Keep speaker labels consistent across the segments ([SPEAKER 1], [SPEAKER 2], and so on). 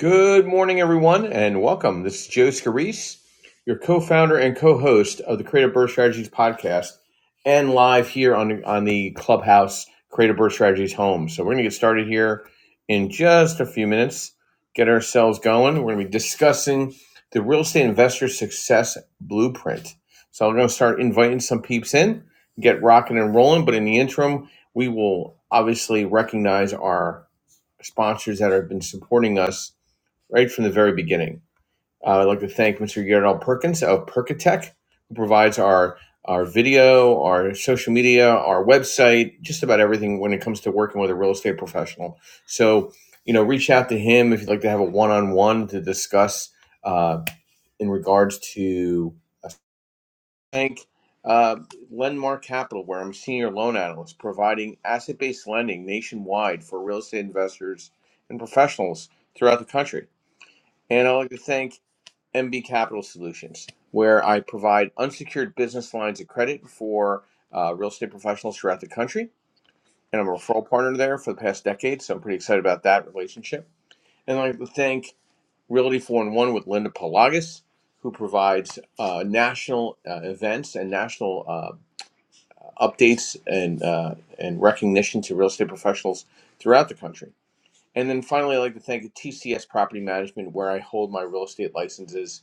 [SPEAKER 1] Good morning, everyone, and welcome. This is Joe Scarice, your co-founder and co-host of the Creative Birth Strategies podcast, and live here on on the Clubhouse Creative Birth Strategies home. So we're going to get started here in just a few minutes. Get ourselves going. We're going to be discussing the real estate investor success blueprint. So I'm going to start inviting some peeps in, get rocking and rolling. But in the interim, we will obviously recognize our sponsors that have been supporting us right from the very beginning. Uh, I'd like to thank Mr. Gerald Perkins of Perkatech, who provides our our video, our social media, our website, just about everything when it comes to working with a real estate professional. So, you know, reach out to him if you'd like to have a one on one to discuss uh, in regards to a bank. Uh, Lendmark Capital, where I'm senior loan analyst, providing asset based lending nationwide for real estate investors and professionals throughout the country. And I'd like to thank MB Capital Solutions, where I provide unsecured business lines of credit for uh, real estate professionals throughout the country. And I'm a referral partner there for the past decade, so I'm pretty excited about that relationship. And I'd like to thank Realty 4 in 1 with Linda Pelagas, who provides uh, national uh, events and national uh, updates and, uh, and recognition to real estate professionals throughout the country. And then finally, I'd like to thank TCS Property Management, where I hold my real estate licenses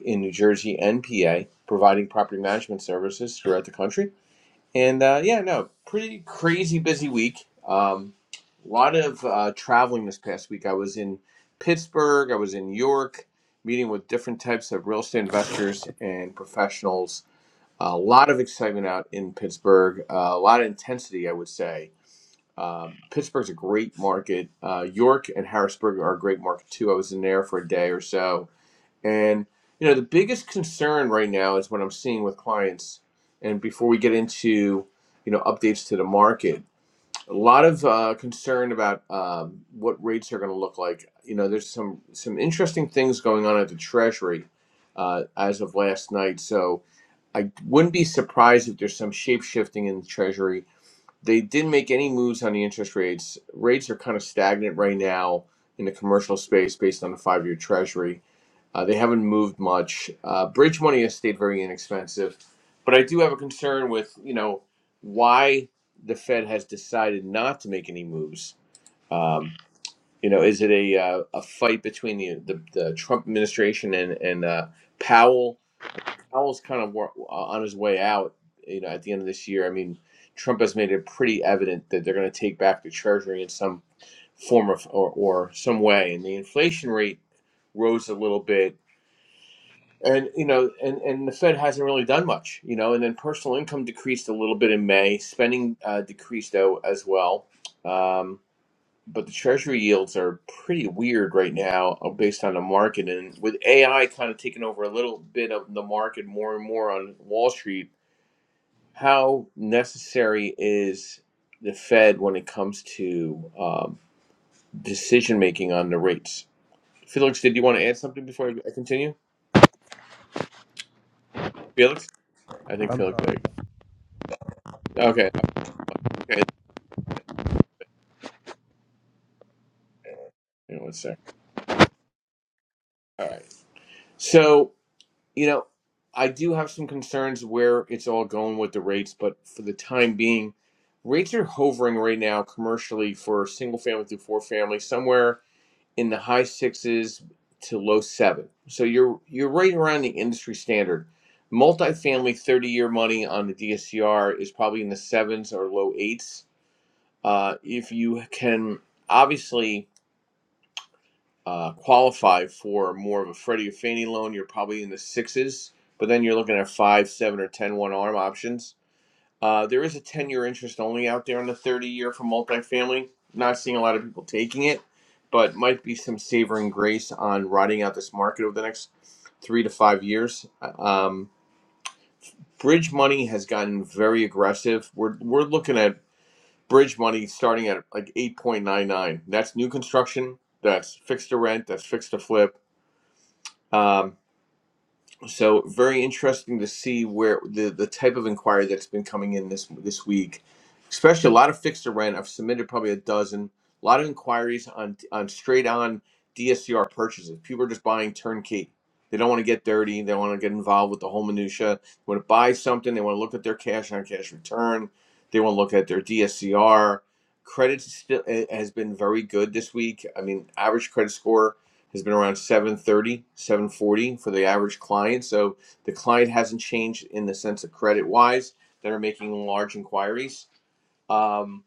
[SPEAKER 1] in New Jersey and PA, providing property management services throughout the country. And uh, yeah, no, pretty crazy busy week. Um, a lot of uh, traveling this past week. I was in Pittsburgh, I was in New York, meeting with different types of real estate investors and professionals. A lot of excitement out in Pittsburgh, uh, a lot of intensity, I would say. Um, Pittsburgh's a great market. Uh, York and Harrisburg are a great market too. I was in there for a day or so and you know, the biggest concern right now is what I'm seeing with clients. And before we get into you know updates to the market, a lot of uh, concern about um, what rates are going to look like. You know, there's some some interesting things going on at the Treasury uh, as of last night. So I wouldn't be surprised if there's some shape shifting in the Treasury. They didn't make any moves on the interest rates. Rates are kind of stagnant right now in the commercial space based on the five year Treasury uh, they haven't moved much. Uh, bridge money has stayed very inexpensive, but I do have a concern with you know why the Fed has decided not to make any moves. Um, you know, is it a uh, a fight between the, the the Trump administration and and uh, Powell? Powell's kind of wor- uh, on his way out. You know, at the end of this year, I mean, Trump has made it pretty evident that they're going to take back the Treasury in some form of or, or some way, and the inflation rate rose a little bit and you know and and the fed hasn't really done much you know and then personal income decreased a little bit in may spending uh, decreased though as well um, but the treasury yields are pretty weird right now uh, based on the market and with ai kind of taking over a little bit of the market more and more on wall street how necessary is the fed when it comes to um, decision making on the rates felix did you want to add something before i I continue felix i think
[SPEAKER 2] I'm
[SPEAKER 1] felix
[SPEAKER 2] sorry.
[SPEAKER 1] there you go okay Okay, you know, one sec. All right. So, you know, I do have some concerns where it's all going with the rates, but for the time being, rates are hovering right now commercially for single family through four family somewhere in the high sixes to low seven. So you're you're right around the industry standard. Multifamily 30 year money on the DSCR is probably in the sevens or low eights. Uh, if you can obviously uh, qualify for more of a Freddie or Fannie loan, you're probably in the sixes, but then you're looking at five, seven, or ten one arm options. Uh, there is a 10 year interest only out there on the 30 year for multifamily. Not seeing a lot of people taking it, but might be some savoring grace on riding out this market over the next three to five years. Um, bridge money has gotten very aggressive. We're, we're looking at bridge money starting at like 8.99. That's new construction, that's fixed to rent, that's fixed to flip um, so very interesting to see where the the type of inquiry that's been coming in this this week, especially a lot of fixed to rent. I've submitted probably a dozen, a lot of inquiries on on straight on DSCR purchases. People are just buying turnkey. They don't want to get dirty. They want to get involved with the whole minutia. They want to buy something. They want to look at their cash on cash return. They want to look at their DSCR. Credit still eh, has been very good this week. I mean, average credit score has been around 730 740 for the average client so the client hasn't changed in the sense of credit wise that are making large inquiries Um,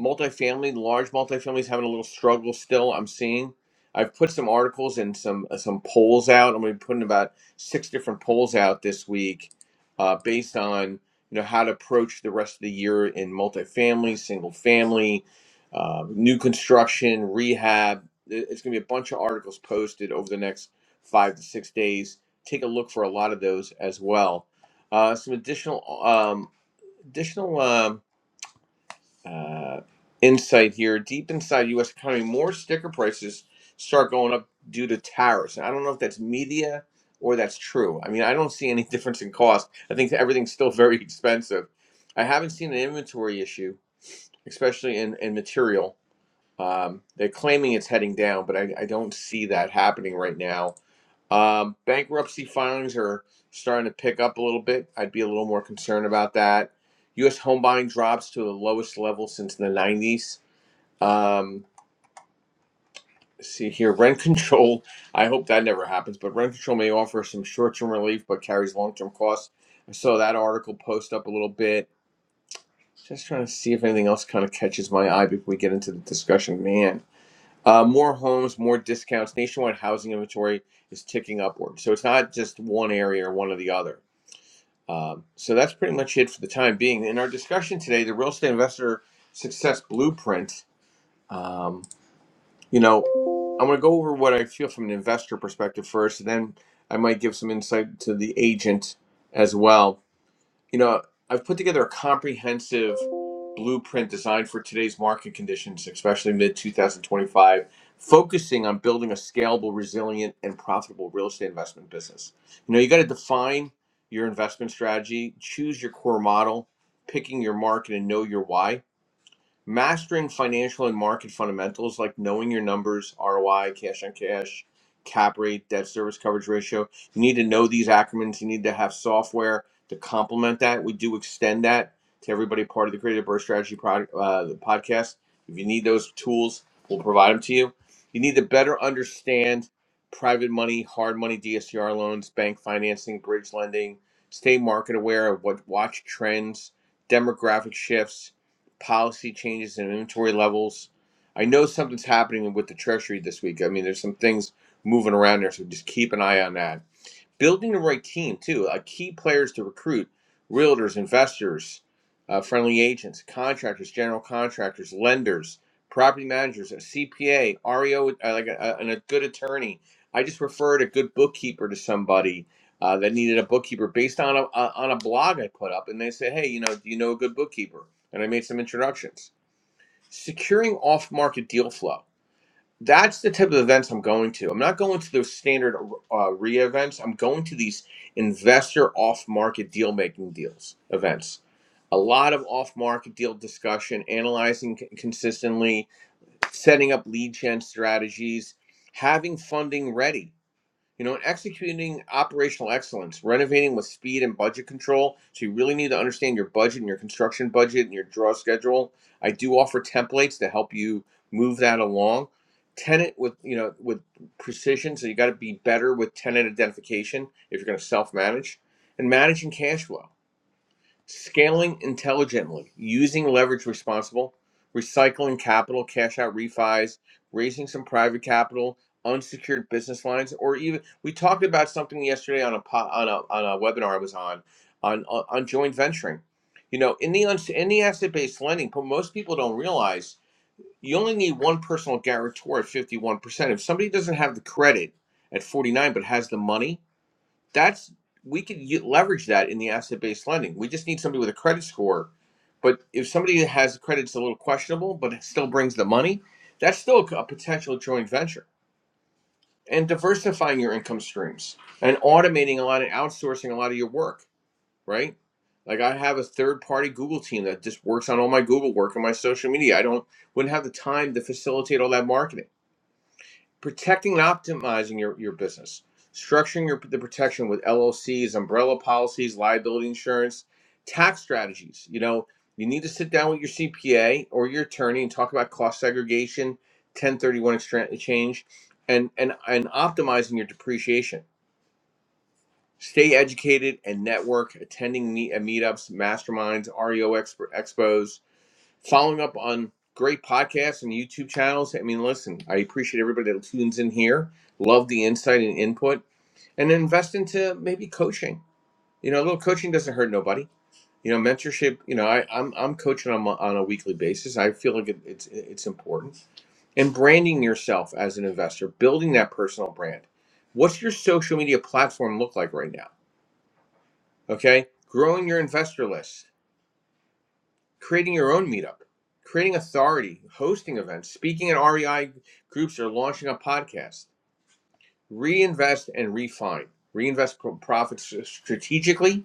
[SPEAKER 1] multifamily, large multifamily is having a little struggle still. I'm seeing. I've put some articles and some uh, some polls out. I'm going to be putting about six different polls out this week, uh, based on you know how to approach the rest of the year in multifamily, single family, uh, new construction, rehab. It- It's going to be a bunch of articles posted over the next five to six days. Take a look for a lot of those as well. Uh, some additional um, additional. Um, uh, insight here. Deep inside U.S. economy, more sticker prices start going up due to tariffs. And I don't know if that's media or that's true. I mean, I don't see any difference in cost. I think everything's still very expensive. I haven't seen an inventory issue, especially in, in material. Um, they're claiming it's heading down, but I, I don't see that happening right now. Um, bankruptcy filings are starting to pick up a little bit. I'd be a little more concerned about that. U.S. home buying drops to the lowest level since the 90s. Um, see here, rent control. I hope that never happens, but rent control may offer some short term relief but carries long term costs. I saw that article post up a little bit. Just trying to see if anything else kind of catches my eye before we get into the discussion, man. Uh, more homes, more discounts. Nationwide housing inventory is ticking upward. So it's not just one area or one or the other. Um, so that's pretty much it for the time being. In our discussion today, the real estate investor success blueprint, um, you know, I'm going to go over what I feel from an investor perspective first, and then I might give some insight to the agent as well you know, I've put together a comprehensive blueprint designed for today's market conditions, especially mid 2025, focusing on building a scalable, resilient, and profitable real estate investment business. You know, you got to define your investment strategy, choose your core model, picking your market, and know your why mastering financial and market fundamentals like knowing your numbers, ROI, cash on cash, cap rate, debt service coverage ratio. You need to know these acronyms. You need to have software to complement that. We do extend that to everybody part of the Creative Birth Strategy product, uh, the podcast. If you need those tools, we'll provide them to you. You need to better understand private money, hard money, DSCR loans, bank financing, bridge lending. Stay market aware of what watch trends, demographic shifts, policy changes and inventory levels. I know something's happening with the Treasury this week. I mean, there's some things moving around there, so just keep an eye on that building the right team too. Uh, key players to recruit: realtors, investors, uh, friendly agents, contractors, general contractors, lenders, property managers, a CPA, REO, uh, like a, a- and a good attorney. I just referred a good bookkeeper to somebody uh, that needed a bookkeeper based on a, a on a blog I put up, and they said, "Hey, you know, do you know a good bookkeeper?" And I made some introductions. Securing off-market deal flow that's the type of events I'm going to. I'm not going to those standard uh, RIA events. I'm going to these investor off market deal making deals events. A lot of off market deal discussion, analyzing consistently, setting up lead gen strategies, having funding ready. You know, and executing operational excellence, renovating with speed and budget control. So you really need to understand your budget and your construction budget and your draw schedule. I do offer templates to help you move that along. Tenant with you know with precision. So you got to be better with tenant identification if you're going to self manage and managing cash flow scaling intelligently, using leverage responsible, recycling capital, cash out refis, raising some private capital, unsecured business lines, or even we talked about something yesterday on a po- on a on a webinar I was on on on, on joint venturing. You know, in the uns- in the asset based lending, but most people don't realize you only need one personal guarantor at fifty one percent. If somebody doesn't have the credit at forty nine but has the money, that's we could u- leverage that in the asset-based lending. We just need somebody with a credit score. But if somebody has credit that's a little questionable, but it still brings the money, that's still a potential joint venture. And diversifying your income streams and automating a lot and outsourcing a lot of your work, right? Like I have a third-party Google team that just works on all my Google work and my social media. I don't wouldn't have the time to facilitate all that marketing protecting and optimizing your, your business, structuring your, the protection with LLCs, umbrella policies, liability insurance, tax strategies. You know, you need to sit down with your CPA or your attorney and talk about cost segregation, 1031 exchange, and, and, and optimizing your depreciation. Stay educated and network, attending meet, uh, meetups, masterminds, REO expo, expos, following up on great podcasts and YouTube channels. I mean, listen, I appreciate everybody that tunes in here. Love the insight and input, and invest into maybe coaching. You know, a little coaching doesn't hurt nobody. You know, mentorship. You know, I, I'm I'm coaching on a, on a weekly basis. I feel like it, it's it's important and branding yourself as an investor, building that personal brand. What's your social media platform look like right now? Okay, growing your investor list creating your own meetup, creating authority, hosting events, speaking at REI groups, or launching a podcast. Reinvest and refine. Reinvest profits strategically.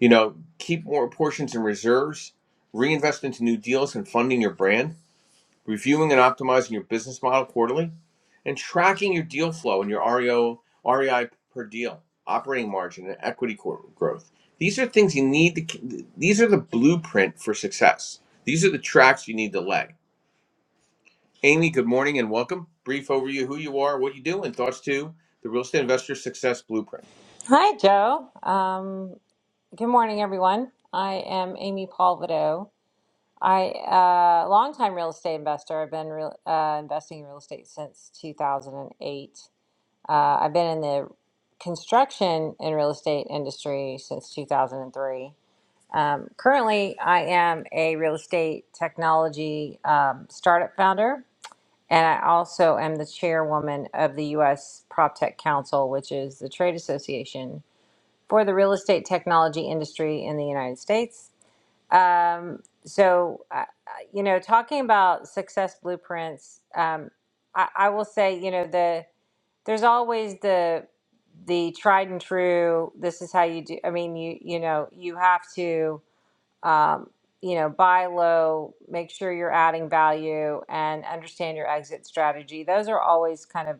[SPEAKER 1] You know, keep more portions in reserves. Reinvest into new deals and funding your brand reviewing and optimizing your business model quarterly, and tracking your deal flow and your REO, REI per deal, operating margin, and equity growth. These are things you need to, these are the blueprint for success. These are the tracks you need to lay. Amy, good morning and welcome. Brief overview who you are, what you do, and thoughts to the real estate investor success blueprint.
[SPEAKER 3] Hi, Joe. Um, good morning, everyone. I am Amy Paul I uh, longtime real estate investor. I've been real, uh, investing in real estate since 2008. Uh, I've been in the construction and real estate industry since 2003. Um, currently, I am a real estate technology um, startup founder, and I also am the chairwoman of the U.S. PropTech Council, which is the trade association for the real estate technology industry in the United States. Um, so, uh, uh, you know, talking about success blueprints, um, I, I will say, you know, the there's always the the tried and true. This is how you do. I mean, you you know, you have to. Um, you know, buy low, make sure you're adding value, and understand your exit strategy. Those are always kind of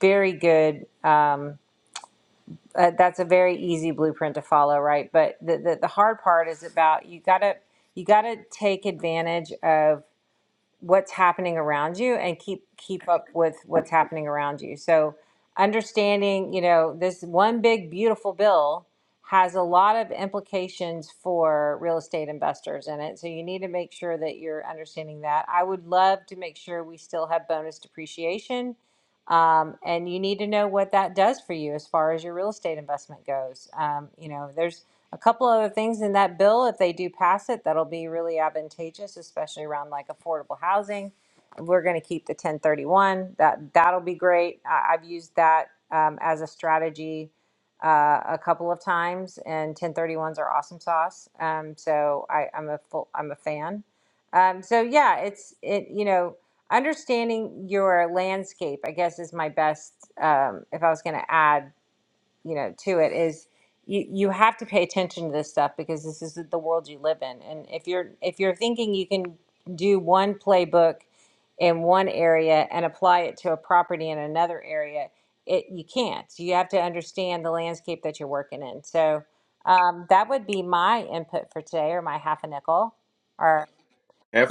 [SPEAKER 3] very good. Um, uh, that's a very easy blueprint to follow, right? But the, the, the hard part is about you gotta you gotta take advantage of what's happening around you and keep keep up with what's happening around you. So understanding, you know, this one big beautiful bill has a lot of implications for real estate investors in it. So you need to make sure that you're understanding that. I would love to make sure we still have bonus depreciation. Um, and you need to know what that does for you as far as your real estate investment goes. Um, you know, there's a couple other things in that bill, if they do pass it, that'll be really advantageous, especially around like affordable housing. We're gonna keep the ten thirty-one, that, that'll be great. I, I've used that, um, as a strategy, uh, a couple of times and ten thirty-ones are awesome sauce. Um, so I, I'm a full, I'm a fan. Um, so yeah, it's, it, you know, understanding your landscape, I guess is my best, um, if I was gonna add you know to it is you you have to pay attention to this stuff because this is the world you live in and if you're if you're thinking you can do one playbook in one area and apply it to a property in another area it you can't So you have to understand the landscape that you're working in so um, that would be my input for today or my half a nickel or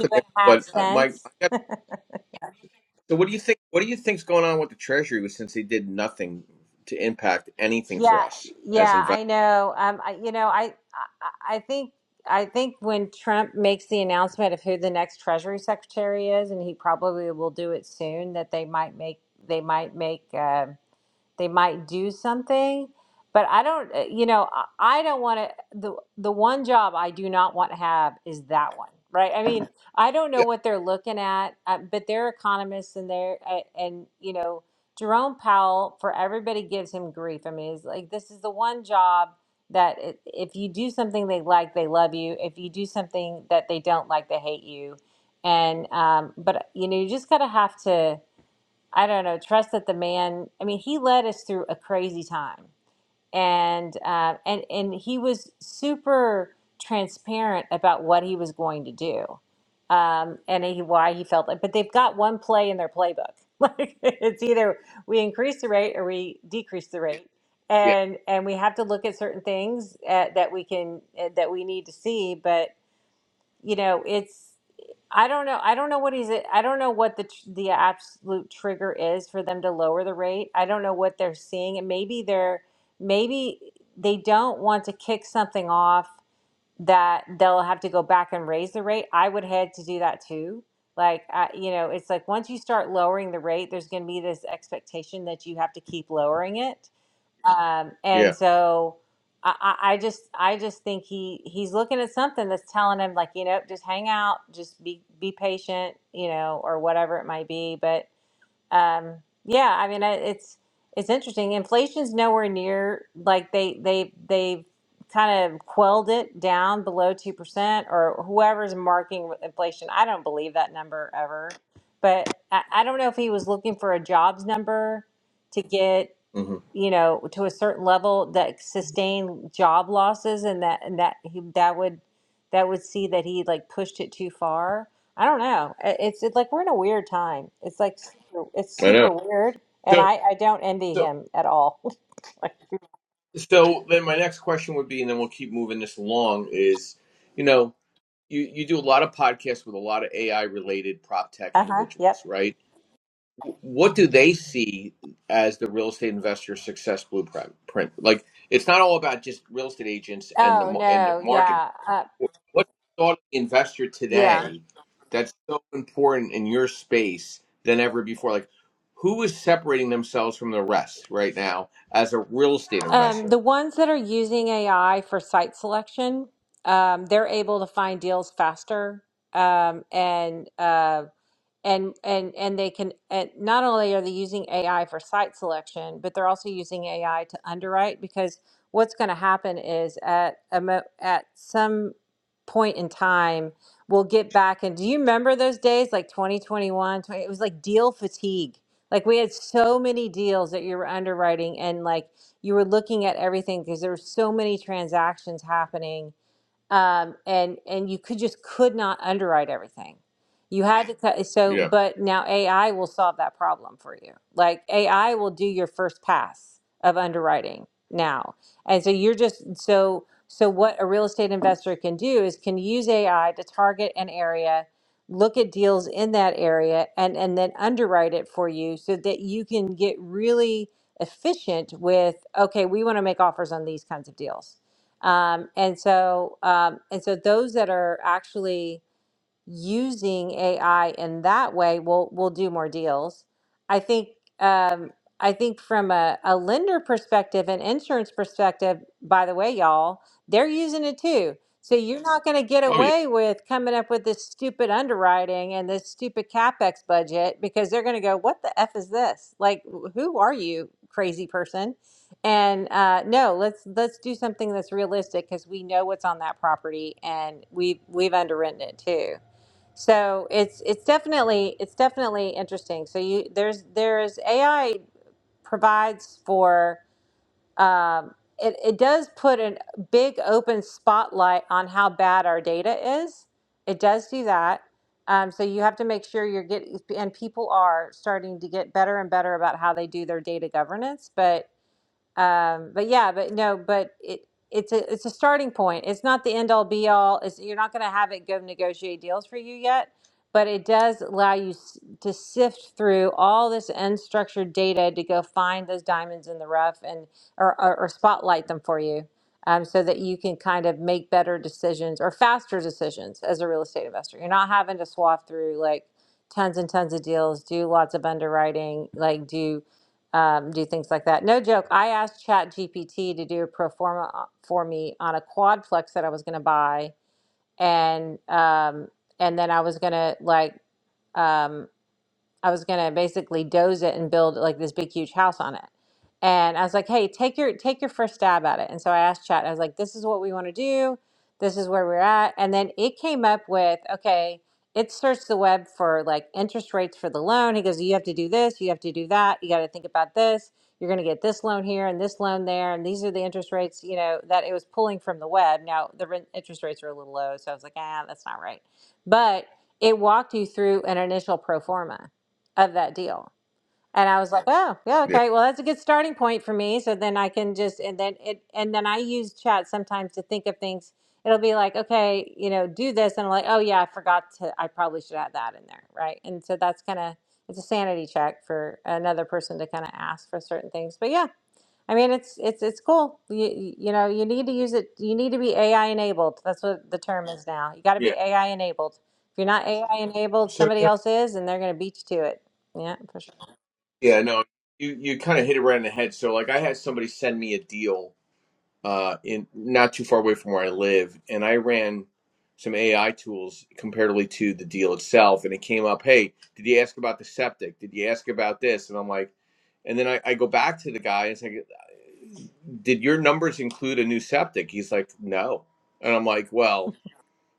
[SPEAKER 3] two and
[SPEAKER 1] that,
[SPEAKER 3] a half
[SPEAKER 1] but uh, Mike,
[SPEAKER 3] cents
[SPEAKER 1] I got, so what do you think? What do you think's going on with the Treasury since they did nothing to impact anything for
[SPEAKER 3] Yeah,
[SPEAKER 1] us as
[SPEAKER 3] yeah,
[SPEAKER 1] investors?
[SPEAKER 3] I know. Um, I, you know, I, I, I think, I think when Trump makes the announcement of who the next Treasury Secretary is, and he probably will do it soon, that they might make, they might make. um they might do something but i don't uh, you know i I don't want to the the one job i do not want to have is that one right i mean i don't know
[SPEAKER 1] Yeah,
[SPEAKER 3] what they're looking at uh, but they're economists and they're uh, and you know jerome powell for everybody gives him grief i mean it's like this is the one job that i- if you do something they like they love you if you do something that they don't like they hate you and um, but you know you just gotta have to I don't know, trust that the man, I mean, he led us through a crazy time. And uh, and and he was super transparent about what he was going to do. Um, and he, why he felt like, but they've got one play in their playbook. Like it's either we increase the rate or we decrease the rate,
[SPEAKER 1] yeah,
[SPEAKER 3] and and we have to look at certain things uh that we can uh, that we need to see. but you know, it's I don't know. I don't know what he's. I don't know what the tr- the absolute trigger is for them to lower the rate. I don't know what they're seeing, and maybe they're maybe they don't want to kick something off that they'll have to go back and raise the rate. I would head to do that too. Like I, you know, it's like once you start lowering the rate, there's going to be this expectation that you have to keep lowering it um,
[SPEAKER 1] yeah.
[SPEAKER 3] and so I, I I just I just think he he's looking at something that's telling him like you know just hang out, just be be patient, you know, or whatever it might be. But um, yeah, I mean I- it's it's interesting. Inflation's nowhere near like they they they've kind of quelled it down below two percent or whoever's marking inflation. I don't believe that number ever, but I, I don't know if he was looking for a jobs number to get
[SPEAKER 1] hmm
[SPEAKER 3] you know, to a certain level that sustain job losses and that and that he, that would that would see that he like pushed it too far. I don't know. I- It's, it's like we're in a weird time. It's like super, it's
[SPEAKER 1] I know.
[SPEAKER 3] super weird, and
[SPEAKER 1] So,
[SPEAKER 3] I I don't envy
[SPEAKER 1] so,
[SPEAKER 3] him at all.
[SPEAKER 1] so then my next question would be, and then we'll keep moving this along. Is you know, you you do a lot of podcasts with a lot of AI related prop tech
[SPEAKER 3] uh huh. Yep.
[SPEAKER 1] individuals, right? W- What do they see as the real estate investor success blueprint? Print? Like, it's not all about just real estate agents and the
[SPEAKER 3] Oh
[SPEAKER 1] mar- and the
[SPEAKER 3] no.
[SPEAKER 1] market.
[SPEAKER 3] Yeah. Uh,
[SPEAKER 1] What's the thought of the investor
[SPEAKER 3] yeah.
[SPEAKER 1] today that's so important in your space than ever before? Like, who is separating themselves from the rest right now as a real estate
[SPEAKER 3] Um,
[SPEAKER 1] investor?
[SPEAKER 3] the ones that are using AI for site selection, um, they're able to find deals faster. Um, and uh, and and and they can and not only are they using AI for site selection, but they're also using AI to underwrite because what's going to happen is at a mo- at some point in time we'll get back and do you remember those days like 2021 it was like deal fatigue like we had so many deals that you were underwriting and like you were looking at everything because there were so many transactions happening um, and and you could just could not underwrite everything. You had to cut eh, so,
[SPEAKER 1] Yeah.
[SPEAKER 3] but now AI will solve that problem for you. Like AI will do your first pass of underwriting now, and so you're just so so. What a real estate investor can do is can use AI to target an area, look at deals in that area, and and then underwrite it for you so that you can get really efficient with okay we want to make offers on these kinds of deals um, and so, um, and so those that are actually using AI in that way, we'll we'll do more deals. I think um, I think from a, a lender perspective and insurance perspective, by the way, y'all, they're using it too. So you're not going to get
[SPEAKER 1] Oh yeah.
[SPEAKER 3] away with coming up with this stupid underwriting and this stupid capex budget because they're going to go, "What the f is this? Like, wh- who are you, crazy person?" And uh, no, let's let's do something that's realistic because we know what's on that property and we've we've underwritten it too. So it's it's definitely it's definitely interesting. So you there's there's AI provides for um, it it does put a big open spotlight on how bad our data is. It does do that. Um, so you have to make sure you're getting and people are starting to get better and better about how they do their data governance. But um but yeah but no but it it's a it's a starting point it's not the end all be all it's you're not going to have it go negotiate deals for you yet but it does allow you s- to sift through all this unstructured data to go find those diamonds in the rough and or, or, or spotlight them for you um, so that you can kind of make better decisions or faster decisions as a real estate investor you're not having to swath through like tons and tons of deals do lots of underwriting like do um, do things like that. No joke. I asked ChatGPT to do a pro forma uh, for me on a quadplex that I was going to buy, and um, and then I was going to like um, I was gonna basically doze it and build like this big huge house on it. And I was like, hey, take your take your first stab at it. And so I asked Chat, I was like, this is what we want to do, this is where we're at. And then it came up with, okay, it searched the web for like interest rates for the loan. He goes, you have to do this, you have to do that, you gotta think about this, you're gonna get this loan here and this loan there, and these are the interest rates, you know, that it was pulling from the web. Now the rent interest rates are a little low, so I was like, ah, that's not right. But it walked you through an initial pro forma of that deal. And I was like, oh, yeah,
[SPEAKER 1] Yeah.
[SPEAKER 3] okay. Well, that's a good starting point for me. So then I can just, and then it, and then I use chat sometimes to think of things. It'll be like, okay, you know, do this. And I'm like, oh, yeah, I forgot to, I probably should add that in there. Right. And so that's kind of, it's a sanity check for another person to kind of ask for certain things. But yeah, I mean, it's it's it's cool. You you know, you need to use it. You need to be AI enabled. That's what the term is now. You got to be
[SPEAKER 1] Yeah.
[SPEAKER 3] AI enabled. If you're not AI enabled,
[SPEAKER 1] So
[SPEAKER 3] somebody
[SPEAKER 1] yeah,
[SPEAKER 3] else is, and they're going to beat you to it. Yeah, for sure.
[SPEAKER 1] yeah, no, you you kind of hit it right in the head. So like, I had somebody send me a deal uh, in not too far away from where I live, and I ran some AI tools comparatively to the deal itself, and it came up, hey, did you ask about the septic? Did you ask about this? And I'm like, and then I, I go back to the guy and say, did your numbers include a new septic? He's like, no, and I'm like, well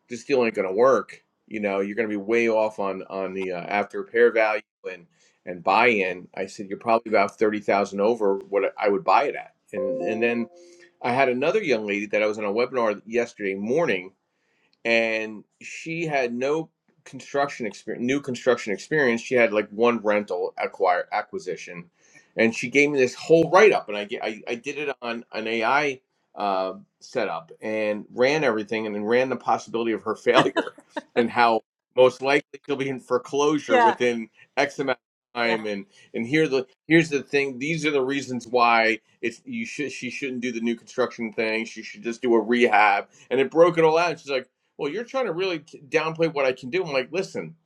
[SPEAKER 1] this deal ain't going to work. You know, you're going to be way off on on the uh, after repair value and and buy in. I said you're probably about thirty thousand over what I would buy it at. And and then I had another young lady that I was on a webinar yesterday morning and she had no construction experience new construction experience she had like one rental acquire acquisition and she gave me this whole write-up and i get I, I did it on an ai uh, setup and ran everything and then ran the possibility of her failure and how most likely she'll be in foreclosure
[SPEAKER 3] Yeah,
[SPEAKER 1] within x amount of
[SPEAKER 3] yeah.
[SPEAKER 1] time and and here the here's the thing these are the reasons why it's you should she shouldn't do the new construction thing she should just do a rehab and it broke it all out. She's like well, you're trying to really downplay what I can do. I'm like, listen,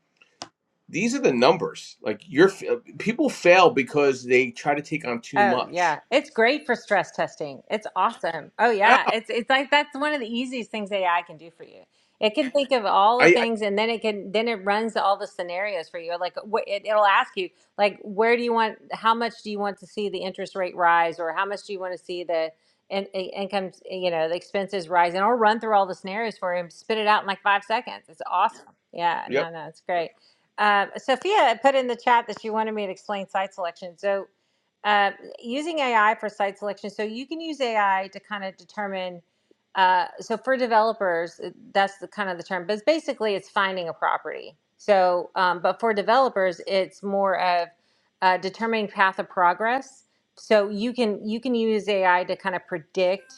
[SPEAKER 1] these are the numbers. Like, you're people fail because they try to take on too
[SPEAKER 3] Oh yeah,
[SPEAKER 1] much.
[SPEAKER 3] it's great for stress testing. It's awesome. Oh
[SPEAKER 1] Oh,
[SPEAKER 3] yeah, it's it's like that's one of the easiest things AI can do for you. It can think of all
[SPEAKER 1] I,
[SPEAKER 3] the
[SPEAKER 1] I
[SPEAKER 3] things, and then it can then it runs all the scenarios for you. Like wh- it, it'll ask you, like, where do you want? How much do you want to see the interest rate rise, or how much do you want to see the in, in, income? You know, the expenses rise, and I'll run through all the scenarios for you and spit it out in like five seconds. It's awesome. Yeah,
[SPEAKER 1] yep,
[SPEAKER 3] no, no, it's
[SPEAKER 1] yep,
[SPEAKER 3] great. Um, Sophia put in the chat that she wanted me to explain site selection. So. uh, using AI for site selection, so you can use AI to kind of determine. Uh, so for developers, uh, that's the kind of the term, but it's basically it's finding a property. So, um, but for developers, it's more of uh, determining path of progress. So you can you can use AI to kind of predict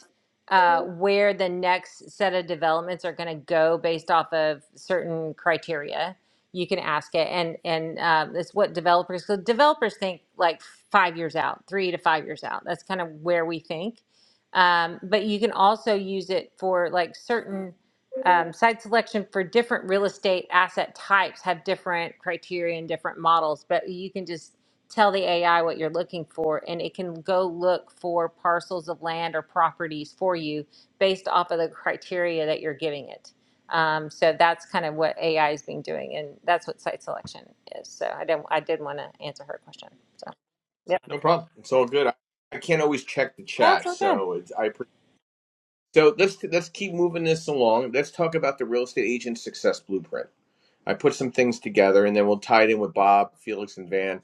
[SPEAKER 3] uh, where the next set of developments are going to go based off of certain criteria you can ask it and and um, it's what developers so developers think like five years out three to five years out that's kind of where we think um, but you can also use it for like certain um, site selection for different real estate asset types have different criteria and different models but you can just tell the ai what you're looking for and it can go look for parcels of land or properties for you based off of the criteria that you're giving it um, so that's kind of what AI has been doing, and that's what site selection is. So I didn't, I did want to answer her question. So yep,
[SPEAKER 1] no problem. It's all good. I, I can't always check the
[SPEAKER 3] that's
[SPEAKER 1] chat,
[SPEAKER 3] all good.
[SPEAKER 1] so it's, I. Pre- so let's let's keep moving this along. Let's talk about the real estate agent success blueprint. I put some things together, and then we'll tie it in with Bob, Felix, and Van.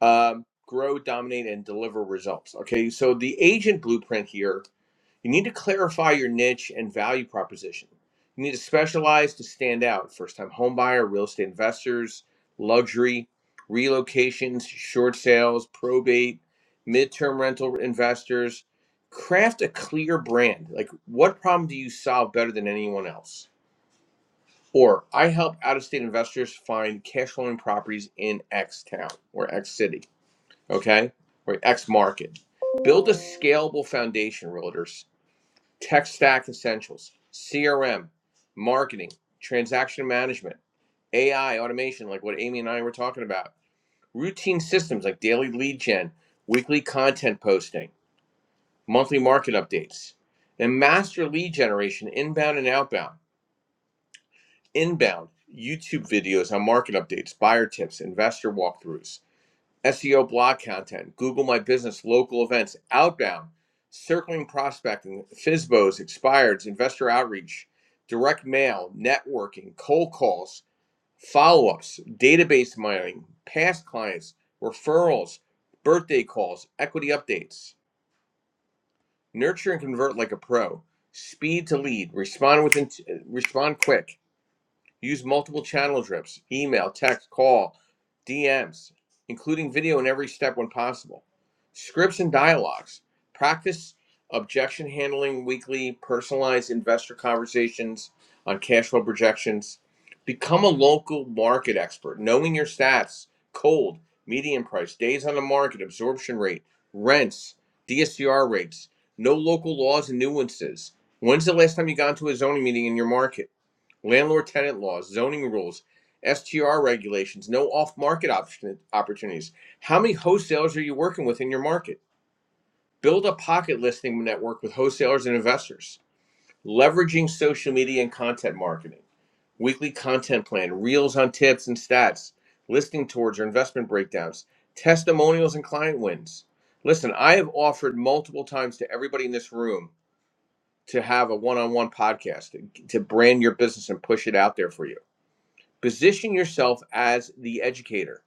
[SPEAKER 1] Um, grow, dominate, and deliver results. Okay, so the agent blueprint here You need to clarify your niche and value proposition. You need to specialize to stand out. First time homebuyer, real estate investors, luxury, relocations, short sales, probate, midterm rental investors. Craft a clear brand. Like, what problem do you solve better than anyone else? Or, I help out of state investors find cash flowing properties in X town or X city, okay? Or X market. Build a scalable foundation, realtors tech stack essentials, CRM, marketing, transaction management, AI, automation, like what Amy and I were talking about, routine systems like daily lead gen, weekly content posting, monthly market updates, and master lead generation inbound and outbound. Inbound, YouTube videos on market updates, buyer tips, investor walkthroughs SEO blog content, Google My Business, local events, outbound, circling prospecting, FISBOs, expireds, investor outreach, direct mail, networking, cold calls, follow ups, database mining, past clients, referrals, birthday calls, equity updates. Nurture and convert like a pro. Speed to lead. Respond within, respond quick Use multiple channel drips email, text, call, DMs, including video in every step when possible. Scripts and dialogues. Practice objection handling weekly, personalized investor conversations on cash flow projections. Become a local market expert, knowing your stats, cold, median price, days on the market, absorption rate, rents, DSCR rates, no local laws and nuances. When's the last time you got into a zoning meeting in your market? landlord tenant laws, zoning rules, STR regulations, no off market option, opportunities. How many wholesalers are you working with in your market? Build a pocket listing network with wholesalers and investors, leveraging social media and content marketing, weekly content plan, reels on tips and stats, listing tours or investment breakdowns, testimonials and client wins. Listen, I have offered multiple times to everybody in this room to have a one on one podcast to to brand your business and push it out there for you Position yourself as the educator.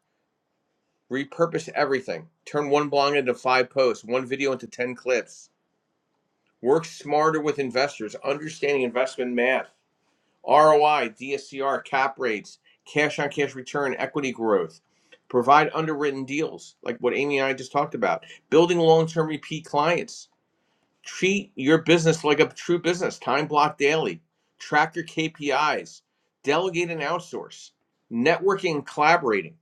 [SPEAKER 1] Repurpose everything. Turn one blog into five posts, one video into 10 clips. Work smarter with investors, understanding investment math, ROI, DSCR, cap rates, cash on cash return, equity growth. Provide underwritten deals like what Amy and I just talked about. Building long term repeat clients. Treat your business like a true business. Time block daily. Track your KPIs. Delegate and outsource. Networking and collaborating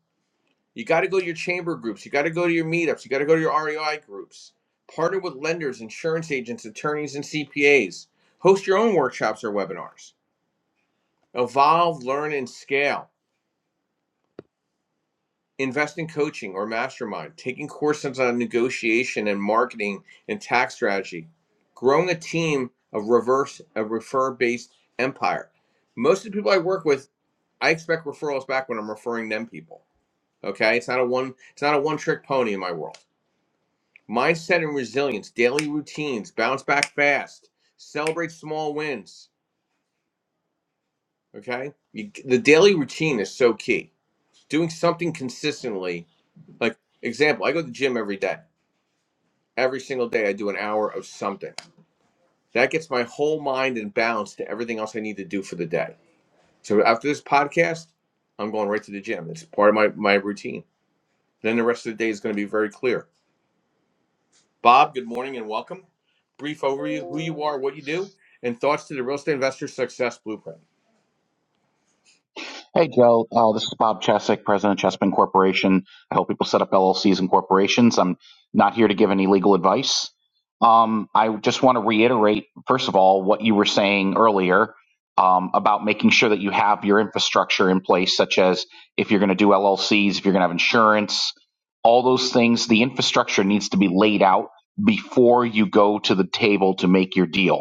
[SPEAKER 1] You got to go to your chamber groups. You got to go to your meetups. You got to go to your REI groups. Partner with lenders, insurance agents, attorneys, and CPAs. Host your own workshops or webinars. Evolve, learn, and scale. Invest in coaching or mastermind, taking courses on negotiation and marketing and tax strategy. Growing a team of reverse, a refer based empire. Most of the people I work with, I expect referrals back when I'm referring them people. Okay. It's not a one, it's not a one trick pony in my world. Mindset and resilience, daily routines, bounce back fast, celebrate small wins. Okay. You, the daily routine is so key. Doing something consistently. Like, example, I go to the gym every day. Every single day, I do an hour of something. That gets my whole mind in balance to everything else I need to do for the day. So after this podcast, I'm going right to the gym. It's part of my, my routine. Then the rest of the day is going to be very clear Bob, good morning and welcome. Brief overview of who you are, what you do, and thoughts to the real estate investor success blueprint.
[SPEAKER 4] Hey, Joe. Uh, this is Bob Chesek, president of Chespin Corporation. I help people set up LLCs and corporations. I'm not here to give any legal advice. Um, I just want to reiterate, first of all, what you were saying earlier um, about making sure that you have your infrastructure in place, such as if you're going to do LLCs, if you're going to have insurance, all those things. The infrastructure needs to be laid out before you go to the table to make your deal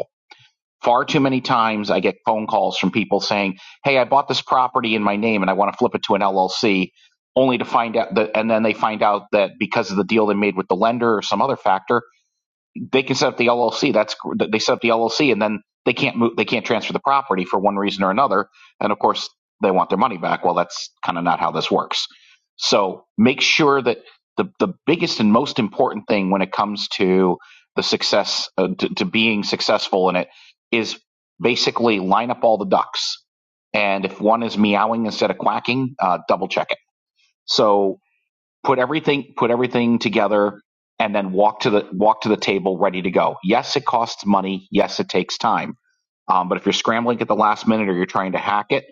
[SPEAKER 4] Far too many times I get phone calls from people saying, Hey, I bought this property in my name and I want to flip it to an LLC, only to find out that, and then they find out that because of the deal they made with the lender or some other factor, they can set up the LLC. That's they set up the LLC, and then they can't move. They can't transfer the property for one reason or another. And of course, they want their money back. Well, that's kind of not how this works. So make sure that the the biggest and most important thing when it comes to the success uh, to, to being successful in it is basically line up all the ducks. And if one is meowing instead of quacking, uh, double check it. So put everything put everything together and then walk to the walk to the table ready to go yes it costs money yes it takes time um, but if you're scrambling at the last minute or you're trying to hack it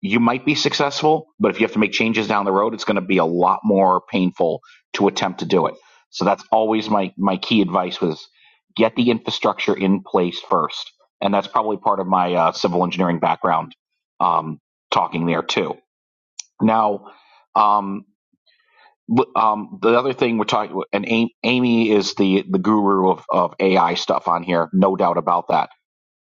[SPEAKER 4] you might be successful but if you have to make changes down the road it's going to be a lot more painful to attempt to do it so that's always my my key advice was get the infrastructure in place first and that's probably part of my uh, civil engineering background um, talking there too now um, um, the other thing we're talking, and Am- Amy is the the guru of of AI stuff on here, no doubt about that.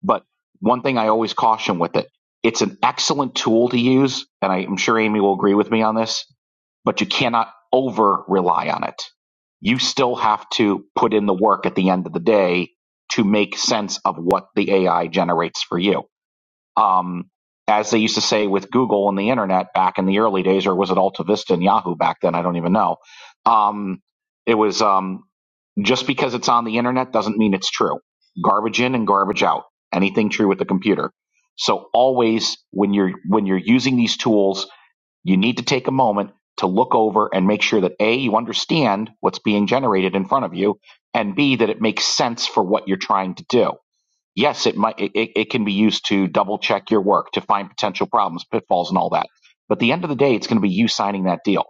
[SPEAKER 4] But one thing I always caution with it, it's an excellent tool to use, and I, I'm sure Amy will agree with me on this. But you cannot over rely on it. You still have to put in the work at the end of the day to make sense of what the AI generates for you um, as they used to say with Google and the internet back in the early days, or was it Alta Vista and Yahoo back then? I don't even know. Um, it was um, just because it's on the internet doesn't mean it's true. Garbage in and garbage out. Anything true with the computer. So always when you're when you're using these tools, you need to take a moment to look over and make sure that a you understand what's being generated in front of you, and b that it makes sense for what you're trying to do yes, it might it, it can be used to double check your work, to find potential problems, pitfalls, and all that. But at the end of the day, it's going to be you signing that deal.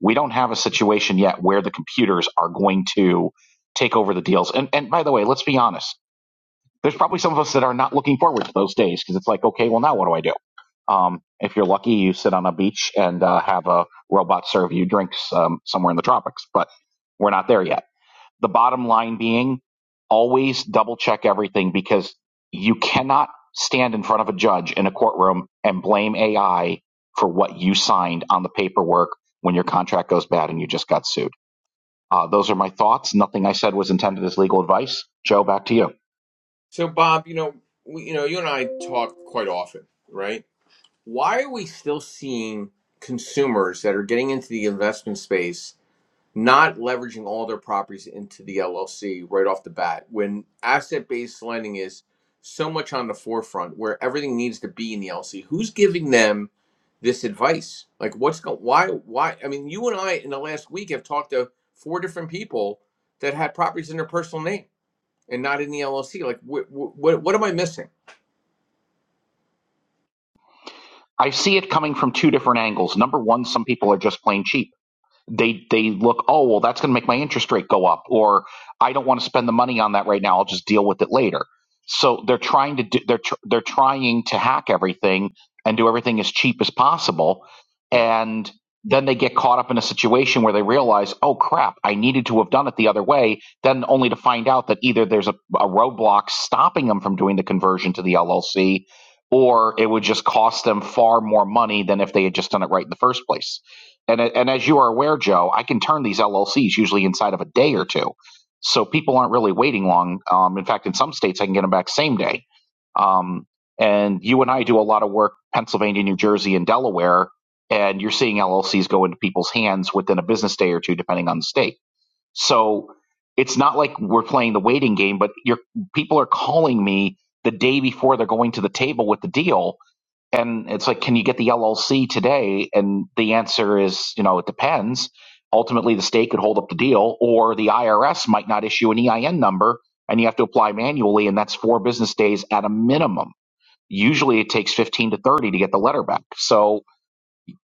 [SPEAKER 4] We don't have a situation yet where the computers are going to take over the deals. And and by the way, let's be honest. There's probably some of us that are not looking forward to those days because it's like, okay, well now what do I do? Um, if you're lucky, you sit on a beach and uh, have a robot serve you drinks um, somewhere in the tropics. But we're not there yet. The bottom line being always double check everything because you cannot stand in front of a judge in a courtroom and blame AI for what you signed on the paperwork when your contract goes bad and you just got sued. Uh, those are my thoughts. Nothing I said was intended as legal advice. Joe, back to you.
[SPEAKER 1] So, Bob, you know, we, you know, you and I talk quite often, right? Why are we still seeing consumers that are getting into the investment space not leveraging all their properties into the LLC right off the bat when asset based lending is so much on the forefront where everything needs to be in the LLC. Who's giving them this advice? Like, what's going? Why? Why? I mean, you and I in the last week have talked to four different people that had properties in their personal name and not in the LLC. Like, what? What, what am I missing?
[SPEAKER 4] I see it coming from two different angles. Number one, some people are just plain cheap they they look oh well that's going to make my interest rate go up or i don't want to spend the money on that right now i'll just deal with it later so they're trying to do they're tr- they're trying to hack everything and do everything as cheap as possible and then they get caught up in a situation where they realize oh crap i needed to have done it the other way then only to find out that either there's a, a roadblock stopping them from doing the conversion to the llc or it would just cost them far more money than if they had just done it right in the first place and and as you are aware, Joe, I can turn these LLCs usually inside of a day or two, so people aren't really waiting long. Um, in fact, in some states, I can get them back same day. Um, and you and I do a lot of work Pennsylvania, New Jersey, and Delaware, and you're seeing LLCs go into people's hands within a business day or two, depending on the state. So it's not like we're playing the waiting game, but you're, people are calling me the day before they're going to the table with the deal and it's like, can you get the LLC today? And the answer is, you know, it depends. Ultimately, the state could hold up the deal, or the IRS might not issue an EIN number, and you have to apply manually, and that's four business days at a minimum. Usually, it takes fifteen to thirty to get the letter back. So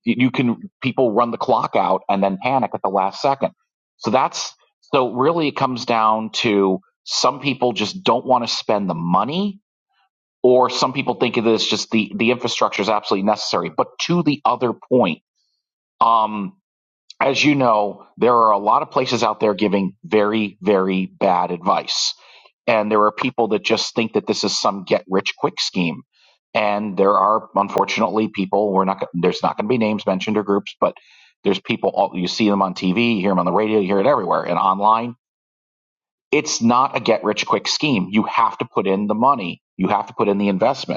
[SPEAKER 4] you can people run the clock out and then panic at the last second. So that's so really it comes down to some people just don't want to spend the money or some people think it is just the the infrastructure is absolutely necessary. But to the other point, um, as you know, there are a lot of places out there giving very very bad advice, and there are people that just think that this is some get rich quick scheme. And there are unfortunately people we're not there's not going to be names mentioned or groups, but there's people all, you see them on TV, you hear them on the radio, you hear it everywhere and online. It's not a get rich quick scheme. You have to put in the money. You have to put in the investment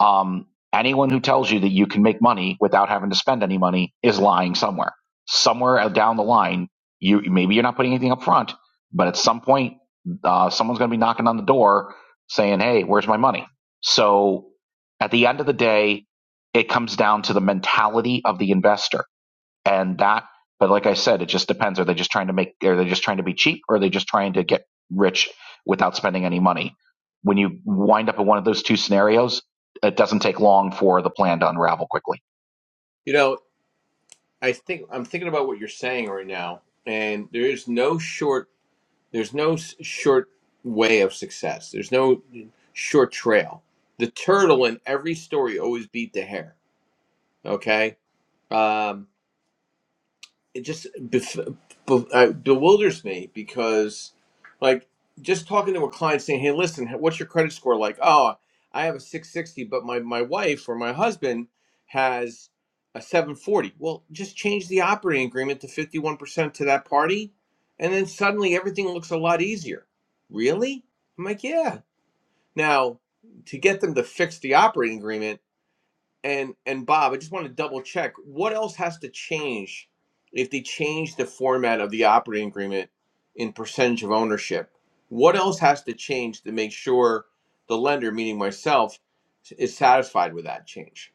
[SPEAKER 4] um, anyone who tells you that you can make money without having to spend any money is lying somewhere. Somewhere down the line, you maybe you're not putting anything up front, but at some point, uh, someone's going to be knocking on the door saying, "Hey, where's my money?" So, at the end of the day, it comes down to the mentality of the investor and that but like i said it just depends are they just trying to make are they just trying to be cheap or are they just trying to get rich without spending any money when you wind up in one of those two scenarios it doesn't take long for the plan to unravel quickly
[SPEAKER 1] You know, I think I'm thinking about what you're saying right now, and there is no short. There's no s- short way of success. There's no short trail. The turtle in every story always beat the hare. Okay. Um, it just bef- be- uh, bewilders me because like just talking to a client saying hey listen what's your credit score like oh i have a 660 but my, my wife or my husband has a 740 well just change the operating agreement to 51% to that party and then suddenly everything looks a lot easier really i'm like yeah now to get them to fix the operating agreement and and Bob, I just want to double check. What else has to change if they change the format of the operating agreement in percentage of ownership? What else has to change to make sure the lender, meaning myself, is satisfied with that change?